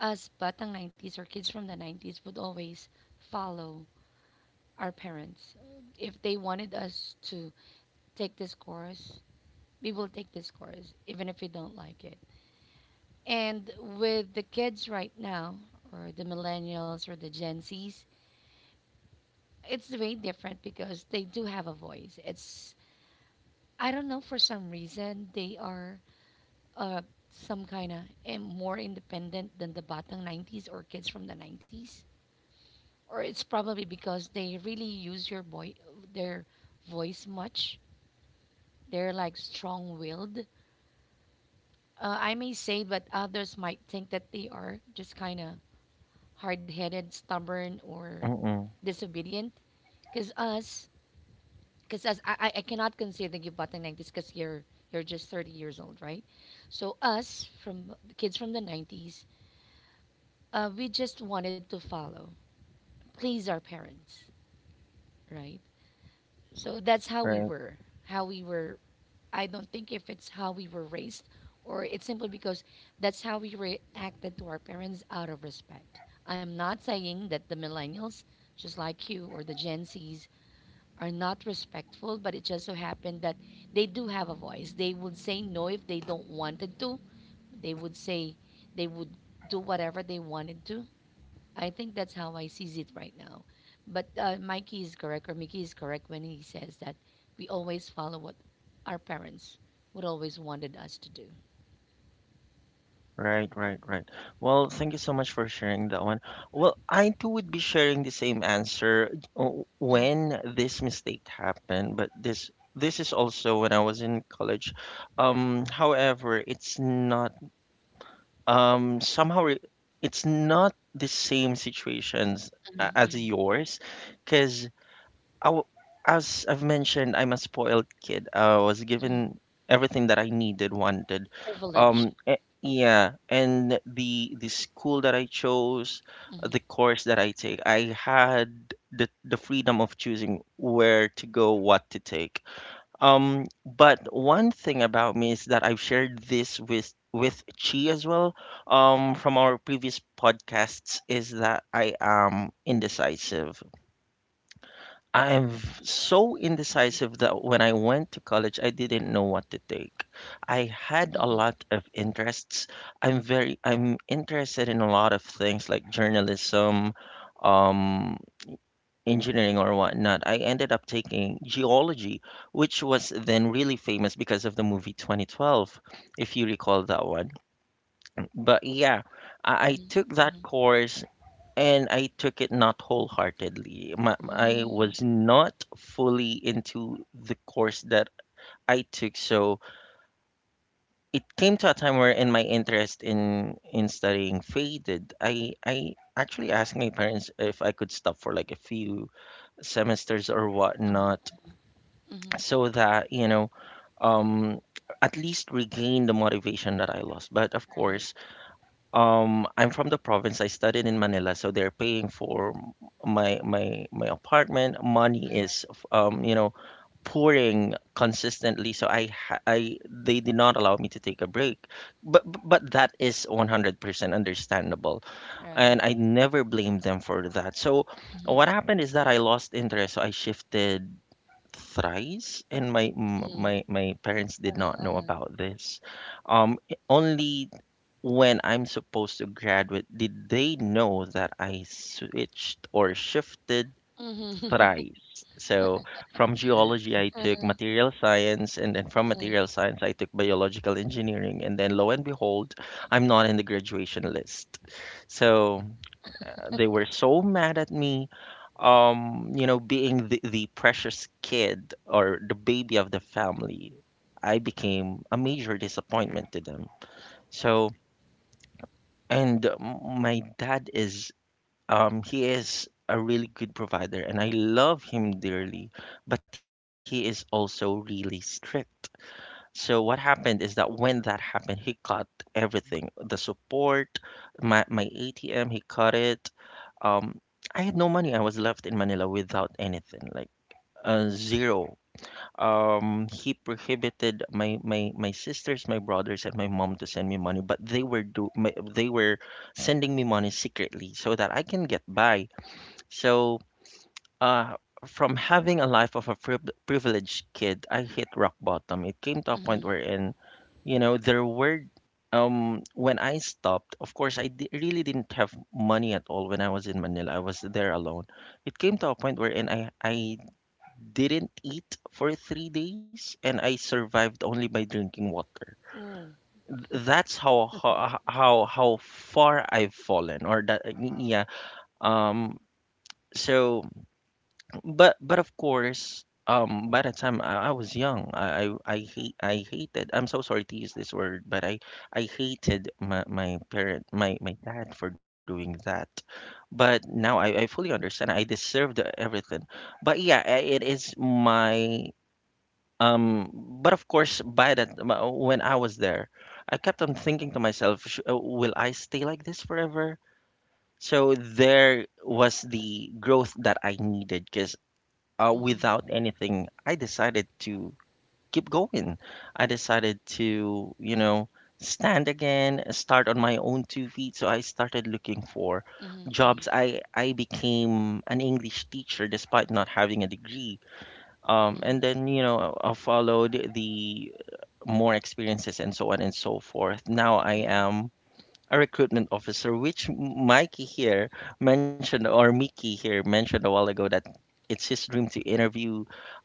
Speaker 2: us batang 90s or kids from the 90s would always follow our parents. If they wanted us to take this course, we will take this course, even if we don't like it. And with the kids right now, or the millennials or the Gen Zs, it's very different because they do have a voice. It's, I don't know, for some reason they are uh, some kind of more independent than the Batang 90s or kids from the 90s? Or it's probably because they really use your boy their voice much. They're like strong-willed. I may say, but others might think that they are just kind of hard-headed, stubborn, or
Speaker 1: Mm-hmm.
Speaker 2: disobedient. Cause us, cause us, I I cannot consider you batang 90s because you're just 30 years old, right? So us from the kids from the 90s, we just wanted to follow, please our parents, right? So that's how we
Speaker 1: Right.
Speaker 2: were, how we were. I don't think if it's how we were raised, or it's simply because that's how we reacted to our parents out of respect. I'm not saying that the millennials, just like you, or the Gen Zs, are not respectful, but it just so happened that they do have a voice. They would say no if they don't wanted to. They would say they would do whatever they wanted to. I think that's how I sees it right now. But Mikey is correct, or Mickey is correct when he says that we always follow what our parents would always wanted us to do.
Speaker 1: Right, right, right. Well, thank you so much for sharing that one. Well, I too would be sharing the same answer when this mistake happened, but this is also when I was in college. However, it's not um somehow re- it's not the same situations
Speaker 2: Mhm,
Speaker 1: as
Speaker 2: mhm.
Speaker 1: yours, because I w as I've mentioned, I'm a spoiled kid. I was given everything that I needed, wanted.
Speaker 2: Privilege.
Speaker 1: Yeah, and the school that I chose, the
Speaker 2: Mhm,
Speaker 1: course that I take, I had the freedom of choosing where to go, what to take. But one thing about me is that I've shared this with Chi as well, from our previous podcasts, is that I am indecisive. So indecisive that when I went to college, I didn't know what to take. I had a lot of interests. I'm interested in a lot of things like journalism, um, engineering or whatnot. I ended up taking geology, which was then really famous because of the movie 2012, if you recall that one. But yeah, I took that course and I took it not wholeheartedly. I
Speaker 2: mhm,
Speaker 1: was not fully into the course that I took, so it came to a time where in my interest in studying faded. I actually asked my parents if I could stop for like a few semesters or whatnot,
Speaker 2: mhm.
Speaker 1: so that you know, um, at least regain the motivation that I lost. But of
Speaker 2: Right.
Speaker 1: course, I'm from the province. I studied in Manila, so they're paying for my apartment. Money is you know, pouring consistently, so I ha- I they did not allow me to take a break. But that is 100% understandable,
Speaker 2: Right.
Speaker 1: and I never blame them for that. So
Speaker 2: Mhm,
Speaker 1: what happened is that I lost interest, so I shifted thrice, and my m-
Speaker 2: mhm.
Speaker 1: my parents did
Speaker 2: Uh-huh,
Speaker 1: not know
Speaker 2: uh-huh.
Speaker 1: about this. Um, only when I'm supposed to graduate did they know that I switched or shifted
Speaker 2: Mhm,
Speaker 1: thrice. So from
Speaker 3: Mm.
Speaker 1: geology, I took material science, and then from material science, I took biological engineering, and then lo and behold, I'm not in the graduation list. So they were so mad at me. You know, being the precious kid or the baby of the family, I became a major disappointment to them. So my dad is, he is a really good provider and I love him dearly, but he is also really strict. So what happened is that when that happened, he cut everything, the support, my ATM, he cut it. Um, I had no money. I was left in Manila without anything, like zero. He prohibited my sisters, my brothers, and my mom to send me money, but they were sending me money secretly so that I can get by. So uh from having a life of a privileged kid, I hit rock bottom. It came to a point
Speaker 2: mhm.
Speaker 1: wherein, you know, there were when I stopped, of course really didn't have money at all. When I was in Manila, I was there alone. It came to a point wherein I didn't eat for 3 days, and I survived only by drinking water.
Speaker 2: Ooh.
Speaker 1: That's how far I've fallen, or that, yeah. Um. So, but of course. By the time I was young, I hated. I'm so sorry to use this word, but I hated my my parent my my dad for doing that. But now I fully understand. I deserved everything. But yeah, it is my. Um, but of course, by that, when I was there, I kept on thinking to myself, will I stay like this forever?" So there was the growth that I needed, because
Speaker 2: Mhm,
Speaker 1: without anything, I decided to keep going. I decided to, you know, stand again, start on my own two feet. So I started looking for
Speaker 2: mhm, mhm,
Speaker 1: jobs. I became an English teacher despite not having a degree, and
Speaker 2: mhm,
Speaker 1: then you know I followed the more experiences and so on and so forth. Now I
Speaker 2: uh-huh.
Speaker 1: am a recruitment officer, which Mikey here mentioned, or Mickey here mentioned a while ago, that it's his dream to interview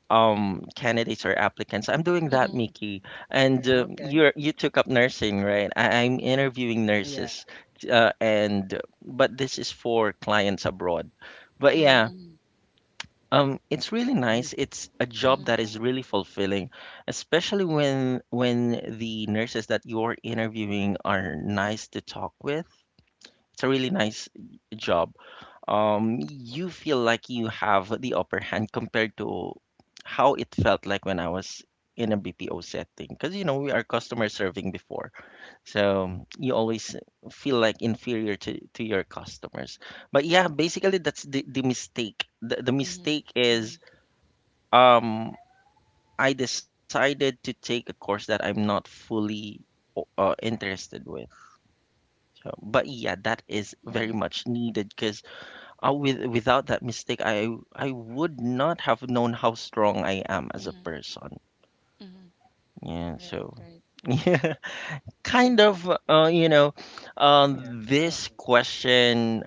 Speaker 1: candidates or applicants. I'm doing that,
Speaker 2: Mhm,
Speaker 1: Mickey, and
Speaker 3: Yeah, okay.
Speaker 1: you took up nursing, right? I'm interviewing
Speaker 3: Yeah,
Speaker 1: nurses, and but this is for clients abroad. But yeah,
Speaker 2: mhm,
Speaker 1: it's really
Speaker 3: nice.
Speaker 1: nice. It's a job
Speaker 2: mhm,
Speaker 1: that is really fulfilling, especially when the nurses that you're interviewing are nice to talk with. It's a really nice job. You feel like you have the upper hand compared to how it felt like when I was in a BPO setting, because you know we are customer serving before, so you always feel like inferior to your customers. But yeah, basically that's the mistake. The
Speaker 2: mhm,
Speaker 1: mistake is
Speaker 2: mhm,
Speaker 1: um I decided to take a course that I'm not fully interested with. So, but yeah, that is very
Speaker 2: mhm.
Speaker 1: much needed, because without that mistake, I would not have known how strong I am as a person. Yeah,
Speaker 2: Right.
Speaker 1: so
Speaker 2: Right.
Speaker 1: yeah, kind
Speaker 2: That's
Speaker 1: of
Speaker 2: right.
Speaker 1: you know,
Speaker 3: Yeah,
Speaker 1: this
Speaker 3: exactly.
Speaker 1: question,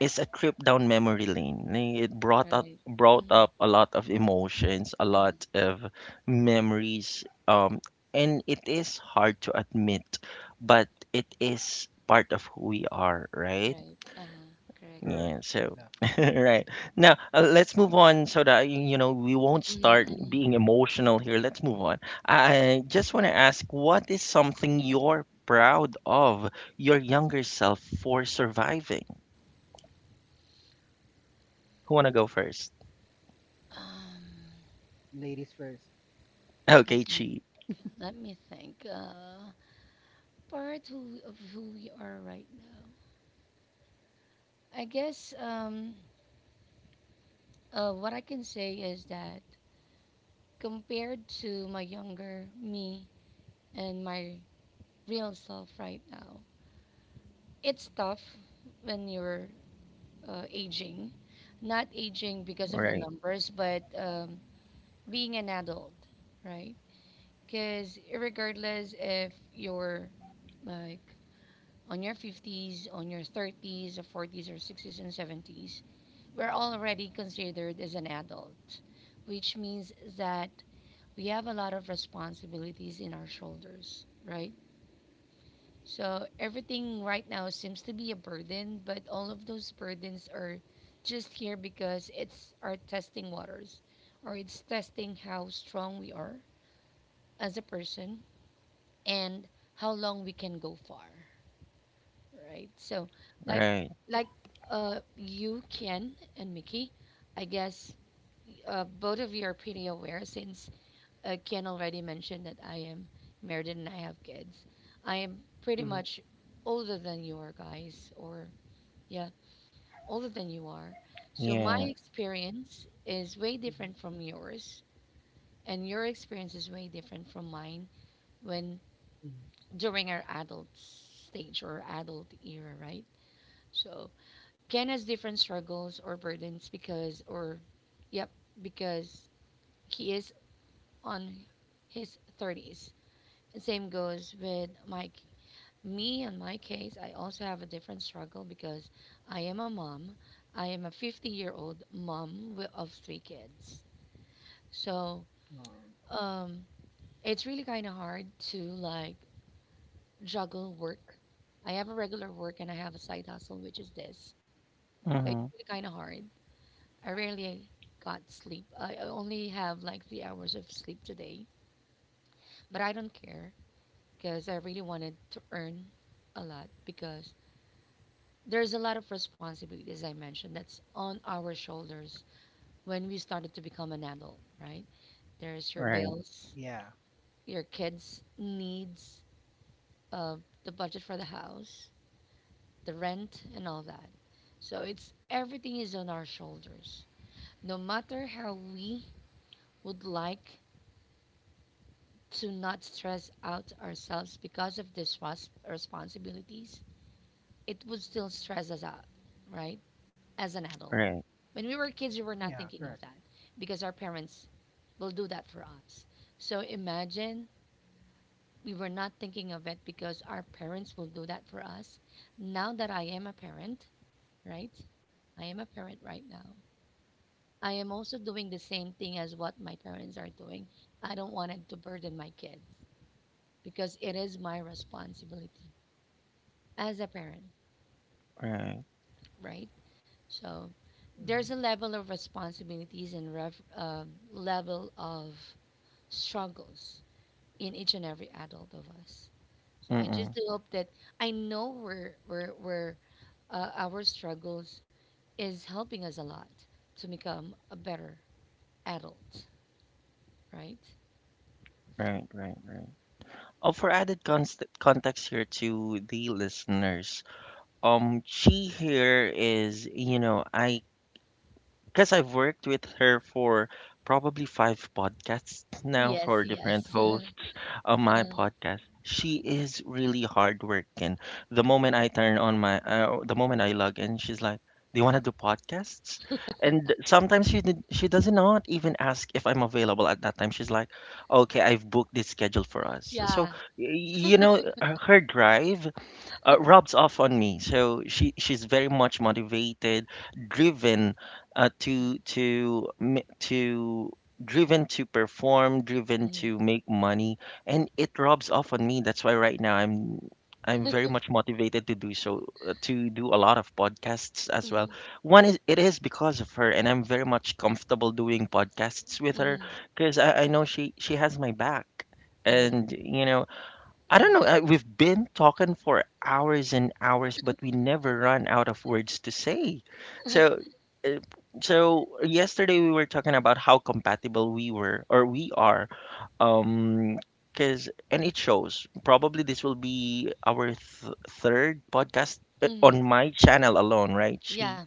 Speaker 1: it's a trip down memory lane. Eh, it
Speaker 2: Right.
Speaker 1: brought
Speaker 2: Mhm,
Speaker 1: up a lot of emotions, a
Speaker 2: mhm.
Speaker 1: lot of memories. And it is hard to admit, but it is part of who we are, right?
Speaker 2: Right. Uh-huh. Correct.
Speaker 3: Correct,
Speaker 1: Yeah. So,
Speaker 3: exactly.
Speaker 1: right now, let's move on so that you know we won't
Speaker 2: Mhm,
Speaker 1: start
Speaker 2: mhm.
Speaker 1: being emotional here. Let's move on. I just want to ask, what is something you're proud of your younger self for surviving? Who wanna go first?
Speaker 2: um
Speaker 3: Ladies first.
Speaker 2: Let
Speaker 1: Okay,
Speaker 2: me,
Speaker 1: cheap.
Speaker 2: okay, let me think. Part of who we are right now, I guess. What I can say is that compared to my younger me and my real self right now, it's tough when you're aging, not aging because of the
Speaker 1: Right,
Speaker 2: numbers, but being an adult, right? Because regardless if you're like on your 50s, on your 30s, or 40s, or 60s and 70s, we're already considered as an adult, which means that we have a lot of responsibilities in our shoulders, right? So everything right now seems to be a burden, but all of those burdens are just here because it's our testing waters or it's testing how strong we are as a person and how long we can go far. Right. So, like,
Speaker 1: right.
Speaker 2: like you, Ken, and Mickey, I guess both of you are pretty aware since Ken already mentioned that I am married and I have kids. I am pretty
Speaker 3: Mm-hmm.
Speaker 2: much older than you are, guys, or yeah, older than you are. So, my
Speaker 1: Yeah.
Speaker 2: experience is way different
Speaker 3: Mm-hmm.
Speaker 2: from yours, and your experience is way different from mine when
Speaker 3: Mm-hmm.
Speaker 2: during our adult stage or adult era, right? So, Ken has different struggles or burdens because, or, yep, because he is on his 30s. And same goes with my me in my case. I also have a different struggle because I am a mom. I am a 50-year-old mom of three kids. So
Speaker 3: Um,
Speaker 2: um, it's really kind of hard to like juggle work. I have a regular work and I have a side hustle, which is this. So it's
Speaker 1: Mm-hmm.
Speaker 2: really kind of hard. I rarely got sleep. I only have like 3 hours of sleep today, but I don't care because I really wanted to earn a lot because there's a lot of responsibility, as I mentioned, that's on our shoulders when we started to become an adult, right? There's your
Speaker 1: Right,
Speaker 2: bills,
Speaker 3: yeah,
Speaker 2: your kids' needs, uh, the budget for the house, the rent, and all that. So it's everything is on our shoulders. No matter how we would like to not stress out ourselves because of this responsibilities, it would still stress us out, right? As an adult.
Speaker 1: right,
Speaker 2: When we were kids, we were not
Speaker 3: yeah,
Speaker 2: thinking of
Speaker 3: correct.
Speaker 2: that because our parents will do that for us. So imagine we were not thinking of it because our parents will do that for us. Now that I am a parent, right? I am a parent right now. I am also doing the same thing as what my parents are doing. I don't want it to burden my kids because it is my responsibility as a parent,
Speaker 1: right.
Speaker 2: right? So there's
Speaker 3: Mm-hmm.
Speaker 2: a level of responsibilities and level of struggles in each and every adult of us. So I just
Speaker 1: Mm-mm.
Speaker 2: do hope that I know we're our struggles is helping us a lot to become a better adult, right?
Speaker 1: Right, right, right. Oh, for added const context here to the listeners, Chi here is, you know, I because I've worked with her for probably five podcasts now
Speaker 2: Yes,
Speaker 1: for different
Speaker 2: yes,
Speaker 1: hosts of my
Speaker 2: Uh-huh.
Speaker 1: podcast. She is really hardworking. The moment I turn on my, the moment I log in, she's like, "Do you want to do podcasts?" And sometimes she does not even ask if I'm available at that time. She's like, "Okay, I've booked this schedule for us." So
Speaker 2: Yeah.
Speaker 1: y- you know, her her drive rubs off on me. So she she's very much motivated, driven to m- to driven to perform, driven to
Speaker 2: Mm-hmm.
Speaker 1: make money, and it rubs off on me. That's why right now I'm very much motivated to do so, to do a lot of podcasts as well. One is it is because of her, and I'm very much comfortable doing podcasts with her
Speaker 2: Mm-hmm.
Speaker 1: because I know she has my back,
Speaker 2: Mm-hmm.
Speaker 1: and you know I don't
Speaker 2: Mm-hmm.
Speaker 1: know. We've been talking for hours and hours, but we never run out of words to say. So, uh, so yesterday we were talking about how compatible we were or we are. Um, because and it shows. Probably this will be our third podcast
Speaker 2: Mm-hmm.
Speaker 1: on my channel alone, right? She,
Speaker 2: Yeah.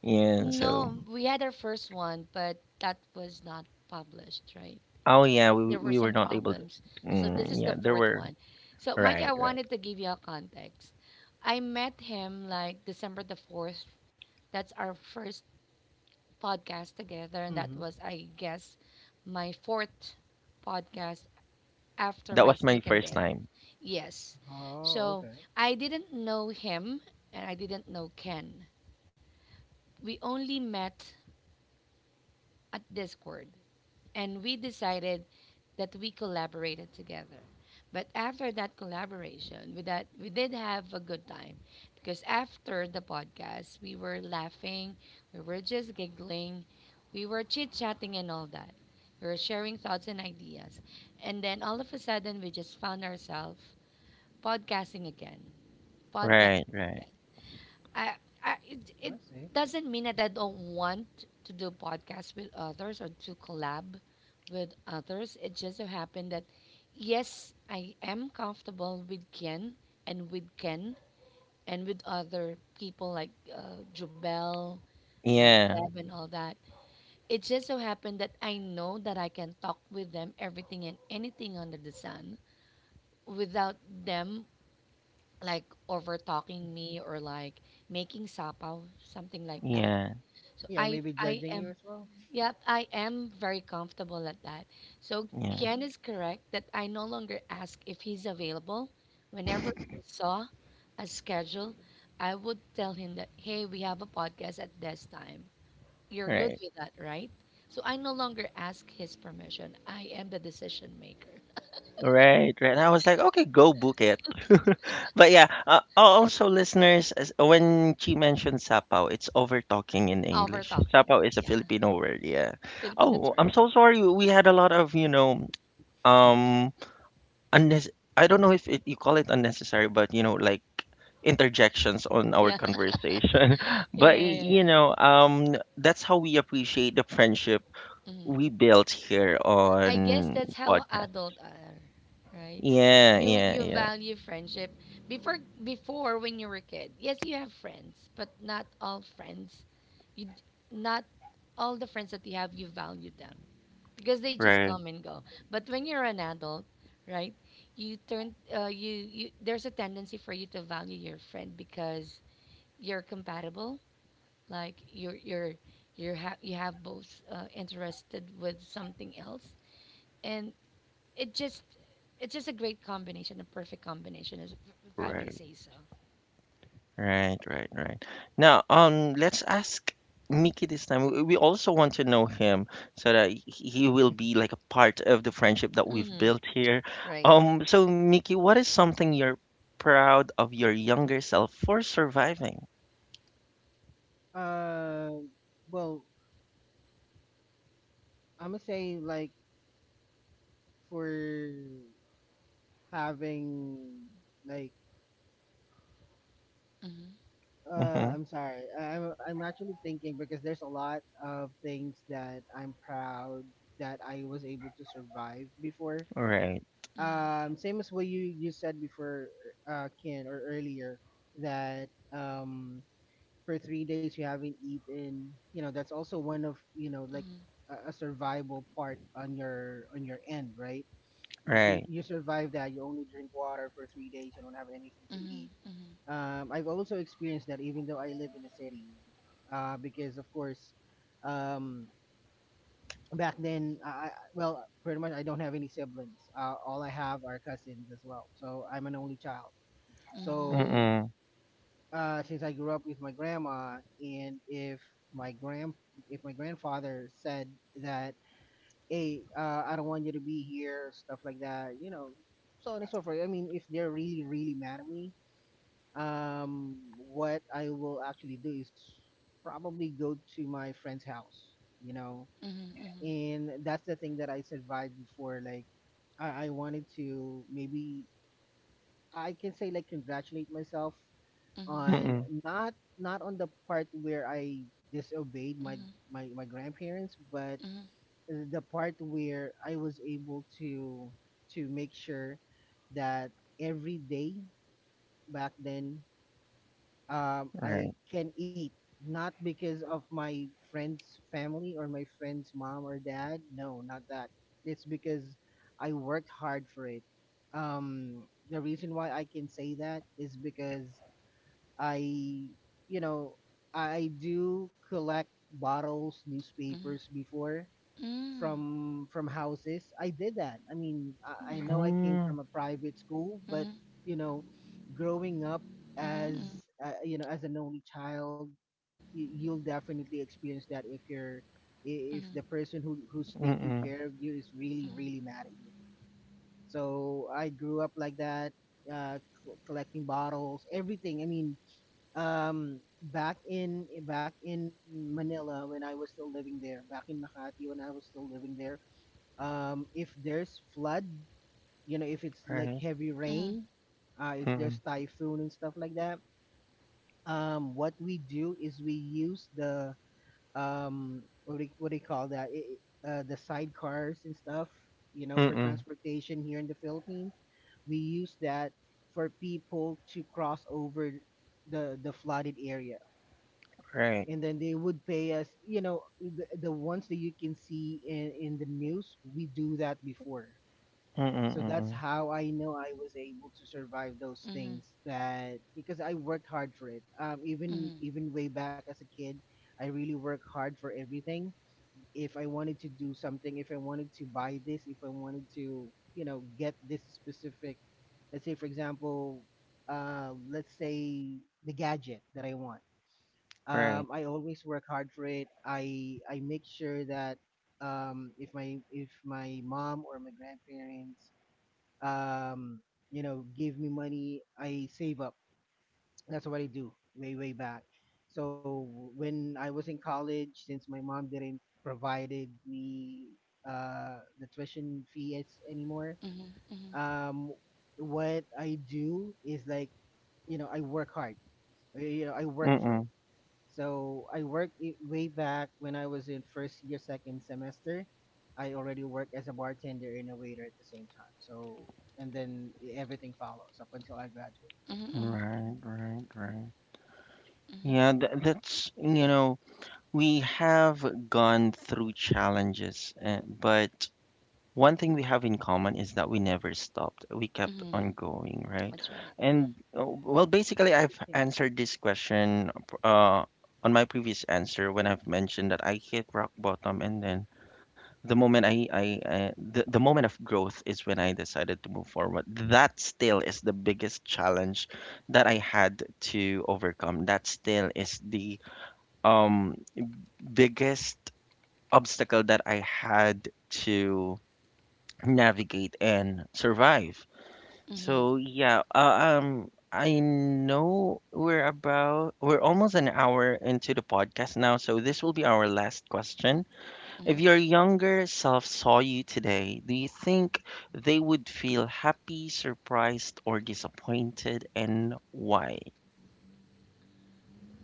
Speaker 1: yeah. So,
Speaker 2: No, we had our first one, but that was not published, right?
Speaker 1: oh yeah, we
Speaker 2: There were
Speaker 1: we were
Speaker 2: some
Speaker 1: not able to.
Speaker 2: problems. So this is
Speaker 1: Yeah,
Speaker 2: the
Speaker 1: there
Speaker 2: fourth
Speaker 1: were
Speaker 2: one. So Mike,
Speaker 1: right,
Speaker 2: I
Speaker 1: right.
Speaker 2: wanted to give you a context. I met him like December the 4th. That's our first podcast together, and that
Speaker 3: Mm-hmm.
Speaker 2: was, I guess, my fourth podcast after
Speaker 1: That
Speaker 2: my
Speaker 1: was my
Speaker 2: second
Speaker 1: first
Speaker 2: day.
Speaker 1: time.
Speaker 2: Yes.
Speaker 3: Oh,
Speaker 2: So
Speaker 3: okay.
Speaker 2: I didn't know him, and I didn't know Ken. We only met at Discord, and we decided that we collaborated together. But after that collaboration, with that we did have a good time because after the podcast, we were laughing, we were just giggling, we were chit chatting and all that. We were sharing thoughts and ideas, and then all of a sudden, we just found ourselves podcasting again, podcasting
Speaker 1: Right, right.
Speaker 2: again. I, I it,
Speaker 3: I
Speaker 2: it
Speaker 3: see.
Speaker 2: doesn't mean that I don't want to do podcasts with others or to collab with others. It just so happened that yes, I am comfortable with Ken and with Ken and with other people like Jubel, like
Speaker 1: Yeah,
Speaker 2: Deb and all that. It just so happened that I know that I can talk with them everything and anything under the sun without them like over talking me or like making sapaw, something like that.
Speaker 1: yeah.
Speaker 2: So
Speaker 3: Yeah,
Speaker 2: I
Speaker 3: maybe
Speaker 2: I
Speaker 3: judging
Speaker 2: am
Speaker 3: you as well.
Speaker 2: yep, I am very comfortable at that. So
Speaker 1: Yeah,
Speaker 2: Ken is correct that I no longer ask if he's available. Whenever I saw a schedule, I would tell him that hey, we have a podcast at this time. You're good
Speaker 1: right.
Speaker 2: with that, right? So I no longer ask his permission. I am the decision maker.
Speaker 1: Right, right. I was like, okay, go book it. But yeah, also listeners, as- when she mentioned sapaw, it's over talking in
Speaker 2: Over
Speaker 1: English.
Speaker 2: talking.
Speaker 1: Sapaw is a
Speaker 2: Yeah.
Speaker 1: Filipino word, yeah.
Speaker 2: Filipino
Speaker 1: Oh, I'm
Speaker 2: term.
Speaker 1: so sorry. We had a lot of, you know, um, unnes I don't know if it, you call it unnecessary, but you know, like interjections on our
Speaker 2: Yeah.
Speaker 1: conversation.
Speaker 2: Yeah,
Speaker 1: But
Speaker 2: yeah, yeah, yeah, yeah.
Speaker 1: you know, that's how we appreciate the friendship
Speaker 2: Mhm.
Speaker 1: we built here
Speaker 2: I guess
Speaker 1: on
Speaker 2: that's how
Speaker 1: podcast.
Speaker 2: adult are, right?
Speaker 1: Yeah,
Speaker 2: You
Speaker 1: yeah,
Speaker 2: you
Speaker 1: yeah.
Speaker 2: value friendship before before when you were a kid. Yes, you have friends, but not all friends. You d- not all the friends that you have you value them because they just
Speaker 1: Right,
Speaker 2: come and go. But when you're an adult, right? You turn you you There's a tendency for you to value your friend because you're compatible. Like you have both interested with something else, and it just it's just a great combination, a perfect combination, as if I may
Speaker 1: right,
Speaker 2: say so.
Speaker 1: Right, right, right. right. Now, let's ask Mickey this time. We also want to know him so that he will be like a part of the friendship that we've
Speaker 2: Hmm.
Speaker 1: built here.
Speaker 2: Right.
Speaker 1: So Mickey, what is something you're proud of your younger self for surviving?
Speaker 3: Uh, well, I'm gonna say like for having like,
Speaker 2: Mm-hmm.
Speaker 1: Mm-hmm.
Speaker 3: I'm sorry, I'm actually thinking because there's a lot of things that I'm proud that I was able to survive before.
Speaker 1: Right,
Speaker 2: Mm-hmm.
Speaker 3: Same as what you said before, Ken, or earlier, that for three days you haven't eaten. You know, that's also one of, you know, like a survival part on your end, right? Because you,
Speaker 1: right.
Speaker 3: you survive that, you only drink water for 3 days, you don't have anything to eat.
Speaker 2: Mm-hmm.
Speaker 3: I've also experienced that even though I live in a city, because of course, um, back then, well pretty much I don't have any siblings. All I have are cousins as well, so I'm an only child.
Speaker 2: Mm-hmm.
Speaker 3: So
Speaker 2: Mm-hmm.
Speaker 1: Mm-mm.
Speaker 3: since I grew up with my grandma, and my grand if my grandfather said that, "Hey, I don't want you to be here," stuff like that, so on and so forth. I mean, if they're really, really mad at me, what I will actually do is probably go to my friend's house, you know,
Speaker 2: Mm-hmm. Mm-hmm. Mm-hmm. Mm-hmm.
Speaker 3: and that's the thing that I survived before. Like, I wanted to maybe I can say like congratulate myself on
Speaker 1: Mm-mm.
Speaker 3: not on the part where I disobeyed my grandparents, but the part where I was able to make sure that every day back then, I
Speaker 1: Right.
Speaker 3: can eat. Not because of my friend's family or my friend's mom or dad, no, not that. It's because I worked hard for it. um, the reason why I can say that is because I you know I do collect bottles,
Speaker 2: Mm-hmm.
Speaker 3: newspapers before,
Speaker 2: Mm-hmm.
Speaker 3: from houses. I did that. I mean, I know I came
Speaker 1: Mm,
Speaker 3: from a private school, but you know growing up as an only child, you'll definitely experience that if you're, if the person who's taking
Speaker 1: Mm-mm.
Speaker 3: care of you is really, really mad at you. So I grew up like that, uh collecting bottles, everything. I mean, um back in Manila when I was still living there, back in Makati when I was still living there, if there's flood, if it's like
Speaker 1: Right.
Speaker 3: heavy rain, if there's
Speaker 1: Mm-mm.
Speaker 3: typhoon and stuff like that, what we do is we use the, um, what do you call that? The sidecars and stuff, for
Speaker 1: Mm-mm.
Speaker 3: transportation here in the Philippines. We use that for people to cross over the flooded area.
Speaker 1: Right.
Speaker 3: And then they would pay us, the ones that you can see in the news. We do that before.
Speaker 1: Mm-mm.
Speaker 3: So that's
Speaker 1: Mm-mm.
Speaker 3: how I know I was able to survive those things, that because I worked hard for it. Even way back as a kid, I really worked hard for everything. If I wanted to do something, if I wanted to buy this, if I wanted to, get this specific, let's say for example, let's say the gadget that I want.
Speaker 1: Right.
Speaker 3: I always work hard for it. I make sure that, if my mom or my grandparents, um, give me money, I save up. That's what I do way, way back. So when I was in college, since my mom didn't provided me the tuition fees anymore, um, what I do is like, I work hard. I work for it.
Speaker 1: Mm-mm.
Speaker 3: So I worked it way back when I was in first year, second semester. I already worked as a bartender and a waiter at the same time. So and then, everything follows up until I graduated.
Speaker 1: Right, right, right. Yeah, that's, you know, we have gone through challenges, but one thing we have in common is that we never stopped. We kept
Speaker 2: Mm-hmm.
Speaker 1: on going, right?
Speaker 2: That's right.
Speaker 1: And well, basically, I've
Speaker 3: Yeah,
Speaker 1: answered this question uh, on my previous answer when I've mentioned that I hit rock bottom and then the moment the moment of growth is when I decided to move forward. That still is the biggest challenge that I had to overcome. That still is the um biggest obstacle that I had to navigate and survive.
Speaker 2: Mm-hmm.
Speaker 1: So yeah, I know we're almost an hour into the podcast now, so this will be our last question. If your younger self saw you today, do you think they would feel happy, surprised, or disappointed, and why?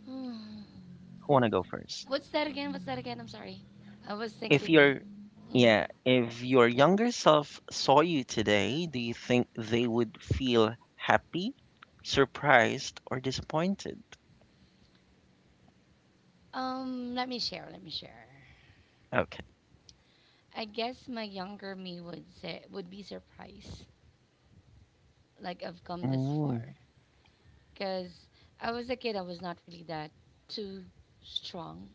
Speaker 2: Mm-hmm.
Speaker 1: Who wanna go first?
Speaker 2: What's that again? What's that again? I'm sorry. I was
Speaker 1: If
Speaker 2: thinking it.
Speaker 1: your
Speaker 2: Mm-hmm.
Speaker 1: yeah, if your younger self saw you today, do you think they would feel happy, surprised, or disappointed?
Speaker 2: Let me share. Let me share.
Speaker 1: Okay.
Speaker 2: I guess my younger me would say would be surprised, like I've come this
Speaker 1: Mm,
Speaker 2: far. Cause I was a kid, I was not really that too strong.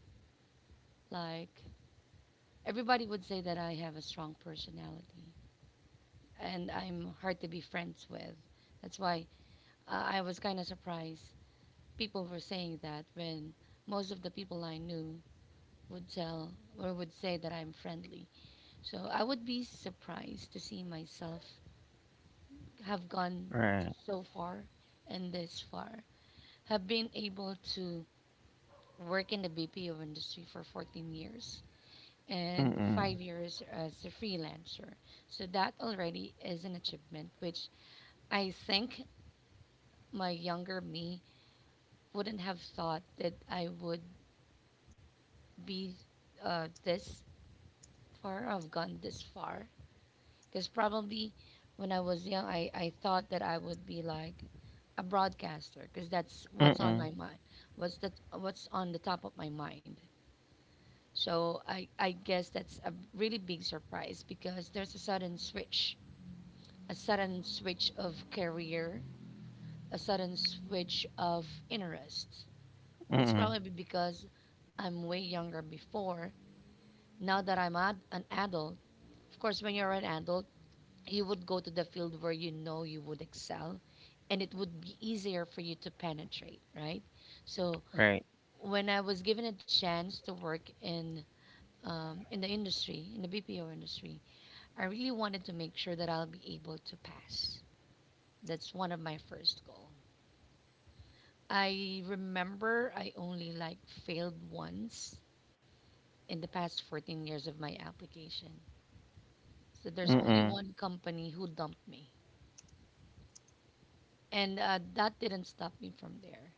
Speaker 2: Like everybody would say that I have a strong personality, and I'm hard to be friends with. That's why I was kind of surprised people were saying that when most of the people I knew would tell or would say that I'm friendly. So I would be surprised to see myself have gone
Speaker 1: right.
Speaker 2: so far and this far, have been able to work in the BPO industry for 14 years and
Speaker 1: Mm-mm.
Speaker 2: 5 years as a freelancer. So that already is an achievement, which I think my younger me wouldn't have thought that I would be this far. I've gone this far because probably when I was young, I thought that I would be like a broadcaster because that's what's on my
Speaker 1: Mm-mm.
Speaker 2: mind. What's that? What's on the top of my mind? So I guess that's a really big surprise because there's a sudden switch of career, a sudden switch of interest. It's
Speaker 1: Mm-mm.
Speaker 2: probably because I'm way younger before. Now that I'm an adult, of course, when you're an adult, you would go to the field where you know
Speaker 1: Right.
Speaker 2: when I was given a chance to work in the industry, in the BPO industry, I really wanted to make sure that I'll be able to pass. That's one of my first goal. I remember I only like failed once in the past 14 years of my application. So there's only
Speaker 1: Mm-mm.
Speaker 2: one company who dumped me, and that didn't stop me from there.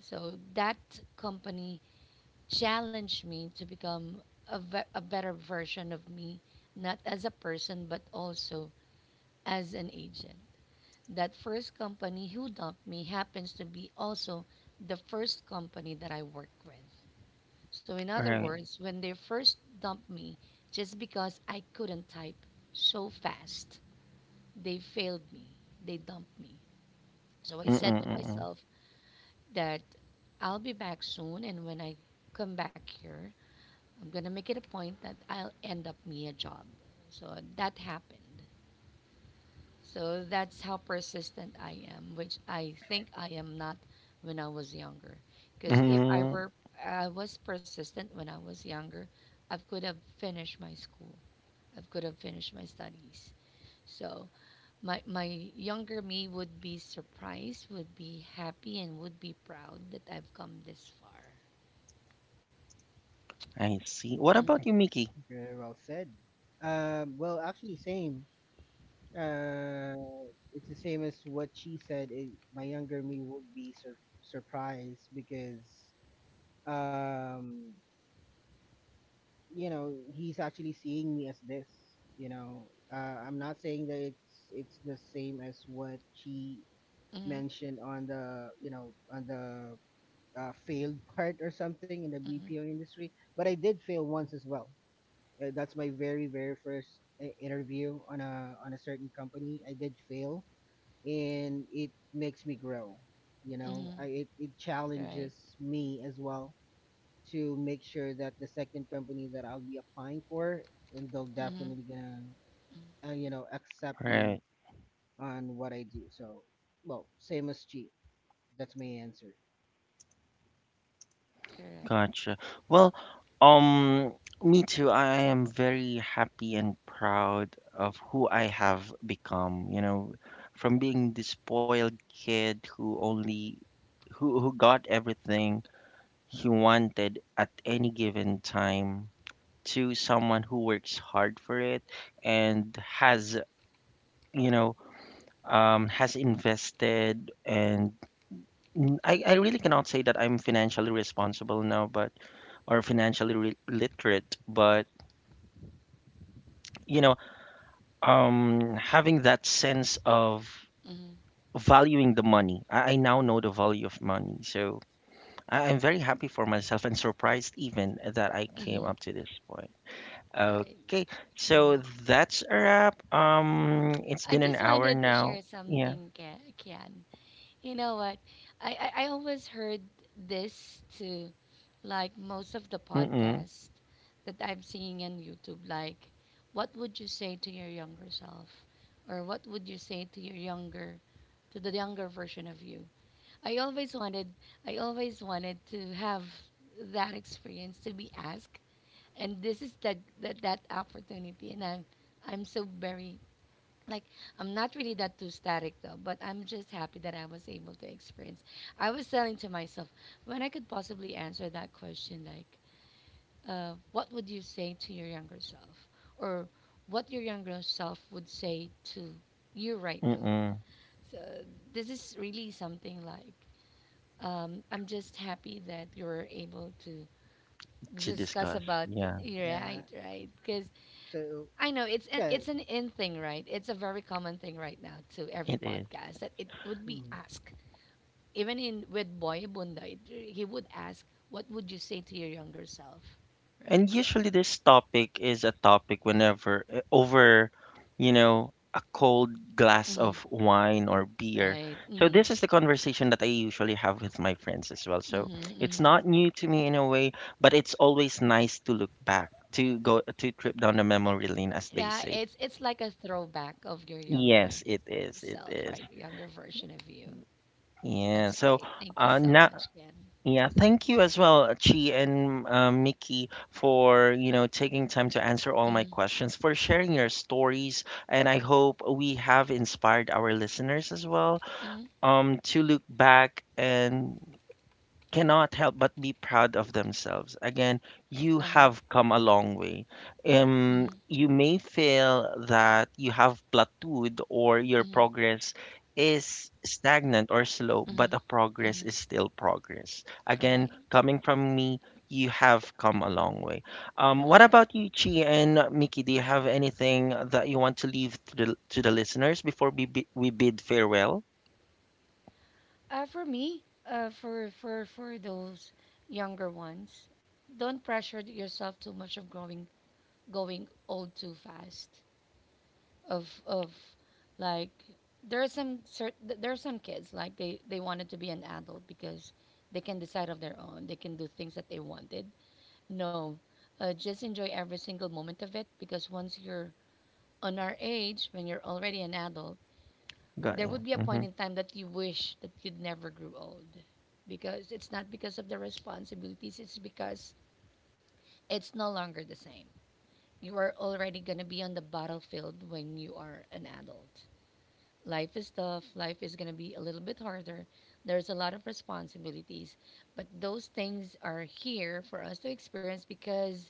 Speaker 2: So that company challenged me to become a better version of me, not as a person, but also as an agent. That first company who dumped me happens to be also the first company that I work with. So, in other
Speaker 1: Right.
Speaker 2: words, when they first dumped me, just because I couldn't type so fast, they failed me. They dumped me. So, I
Speaker 1: Mm-mm.
Speaker 2: said to
Speaker 1: Mm-mm.
Speaker 2: myself that I'll be back soon, and when I come back here, I'm going to make it a point that I'll end up me a job. So that happened. So that's how persistent I am, which I think I am not when I was younger. Because if I
Speaker 1: Mm,
Speaker 2: were, I was persistent when I was younger, I could have finished my school. I could have finished my studies. So my younger me would be surprised, would be happy, and would be proud that I've come this far.
Speaker 1: I see. What
Speaker 2: Mm-hmm,
Speaker 1: about you, Mickey?
Speaker 3: very well said. Well, actually, same. Uh, it's the same as what she said. My younger me would be surprised because, um, he's actually seeing me as this, you know I'm not saying that it's the same as what she
Speaker 2: mm-hmm,
Speaker 3: mentioned on the you know on the failed part or something in the
Speaker 2: mm-hmm,
Speaker 3: BPO industry, but I did fail once as well. That's my very, very first interview on a certain company. I did fail, and it makes me grow,
Speaker 2: mm-hmm.
Speaker 3: it
Speaker 2: Right.
Speaker 3: challenges me as well, to make sure that the second company that I'll be applying for, and they'll
Speaker 2: Mm-hmm,
Speaker 3: definitely gonna, accept me
Speaker 1: Right.
Speaker 3: on what I do. So, well, same as G. That's my answer.
Speaker 2: correct.
Speaker 1: Gotcha. Well, um, me too. I am very happy and proud of who I have become, you know, from being the spoiled kid who only who got everything he wanted at any given time to someone who works hard for it and has, you know, has invested and I really cannot say that I'm financially responsible now, but or financially re literate, but you know, having that sense of
Speaker 2: Mm-hmm.
Speaker 1: valuing the money. I now know the value of money, so I'm very happy for myself and surprised even that I came
Speaker 2: Mm-hmm.
Speaker 1: up to this point.
Speaker 2: Right.
Speaker 1: Okay,
Speaker 2: Mm-hmm.
Speaker 1: so that's a wrap. It's
Speaker 2: I
Speaker 1: been an
Speaker 2: just
Speaker 1: hour
Speaker 2: wanted to
Speaker 1: now.
Speaker 2: share
Speaker 1: Yeah.
Speaker 2: something, Kian. You know what? I always heard this to like most of the
Speaker 1: Mm-mm.
Speaker 2: podcasts that I'm seeing on YouTube. Like, what would you say to your younger self? Or what would you say to your younger, to the younger version of you? I always wanted, I always wanted to have that experience to be asked. And this is the, that opportunity. And I'm so very like I'm not really that too static though, but I'm just happy that I was able to experience. I was telling to myself when I could possibly answer that question, like, what would you say to your younger self, or what your younger self would say to you right now?
Speaker 1: Mm-mm.
Speaker 2: So this is really something like I'm just happy that you were able to
Speaker 1: To
Speaker 2: discuss
Speaker 1: discuss.
Speaker 2: about
Speaker 1: Yeah,
Speaker 2: it,
Speaker 3: Yeah.
Speaker 2: right, right? Because
Speaker 3: So
Speaker 2: I know
Speaker 3: yeah.
Speaker 2: it's an in thing, right? It's a very common thing right now to every
Speaker 1: it is.
Speaker 2: podcast that it would be
Speaker 3: Mhm.
Speaker 2: asked. Even in with Boy Bunda, he would ask, "What would you say to your younger self?"
Speaker 1: And
Speaker 2: Right. So.
Speaker 1: usually this topic is a topic whenever over, you know, a cold glass
Speaker 2: Mhm,
Speaker 1: of wine or beer.
Speaker 2: right.
Speaker 1: So
Speaker 2: Hmm.
Speaker 1: this is the conversation that I usually have with my friends as well. So
Speaker 2: Hmm.
Speaker 1: it's not
Speaker 2: Hmm.
Speaker 1: new to me in a way, but it's always nice to look back, to go to trip down the memory lane as they
Speaker 2: Yeah.
Speaker 1: say.
Speaker 2: It's like a throwback of your
Speaker 1: Yes,
Speaker 2: younger
Speaker 1: it is. It
Speaker 2: self,
Speaker 1: is.
Speaker 2: right? Younger version of you.
Speaker 1: Yeah.
Speaker 2: That's
Speaker 1: So
Speaker 2: great. Thank you so
Speaker 1: now
Speaker 2: much, Ken.
Speaker 1: Yeah, thank you as well, Chi and Mickey, for you know taking time to answer all my
Speaker 2: Mm-hmm.
Speaker 1: questions, for sharing your stories, and I hope we have inspired our listeners as well
Speaker 2: Mm-hmm.
Speaker 1: to look back and cannot help but be proud of themselves. Again, you
Speaker 2: Uh huh.
Speaker 1: have come a long way.
Speaker 2: Mm-hmm.
Speaker 1: You may feel that you have plateaued or your
Speaker 2: Mm-hmm.
Speaker 1: progress is stagnant or slow, but a
Speaker 2: Mm-hmm.
Speaker 1: progress
Speaker 2: Mm-hmm.
Speaker 1: is still progress.
Speaker 2: All
Speaker 1: Again,
Speaker 2: right.
Speaker 1: coming from me, you have come a long way. What
Speaker 2: Right.
Speaker 1: about you, Chi and Mickey? Do you have anything that you want to leave to the listeners before we bid farewell?
Speaker 2: For me, for for those younger ones, don't pressure yourself too much of growing going old too fast. Of like there are some there are some kids like they wanted to be an adult because they can decide of their own. They can do things that they wanted. No, just enjoy every single moment of it because once you're on our age, when you're already an adult,
Speaker 1: Got
Speaker 2: there
Speaker 1: ya.
Speaker 2: would be a point
Speaker 1: Mhm.
Speaker 2: in time that you wish that you'd never grew old, because it's not because of the responsibilities, it's because it's no longer the same. You are already going to be on the battlefield when you are an adult. Life is tough, life is going to be a little bit harder, there's a lot of responsibilities, but those things are here for us to experience because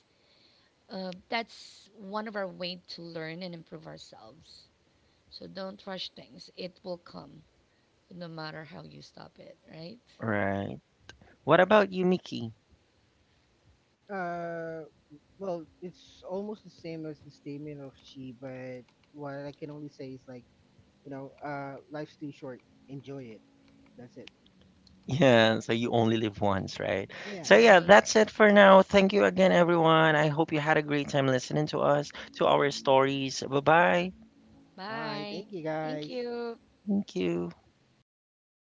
Speaker 2: that's one of our way to learn and improve ourselves. So don't rush things, it will come no matter how you stop it, right?
Speaker 1: Right. What about you, Mickey?
Speaker 3: Uh, well, it's almost the same as the statement of she, but what I can only say is like, life's too short. Enjoy it. That's it.
Speaker 1: Yeah, so you only live once, right? So
Speaker 2: All
Speaker 3: Yeah.
Speaker 1: yeah,
Speaker 2: right.
Speaker 1: that's it for now. Thank you again, everyone. I hope you had a great time listening to us, to our stories. Bye-bye.
Speaker 3: Bye.
Speaker 2: Bye.
Speaker 3: Thank you
Speaker 2: Thank
Speaker 3: guys.
Speaker 2: you.
Speaker 1: Thank you.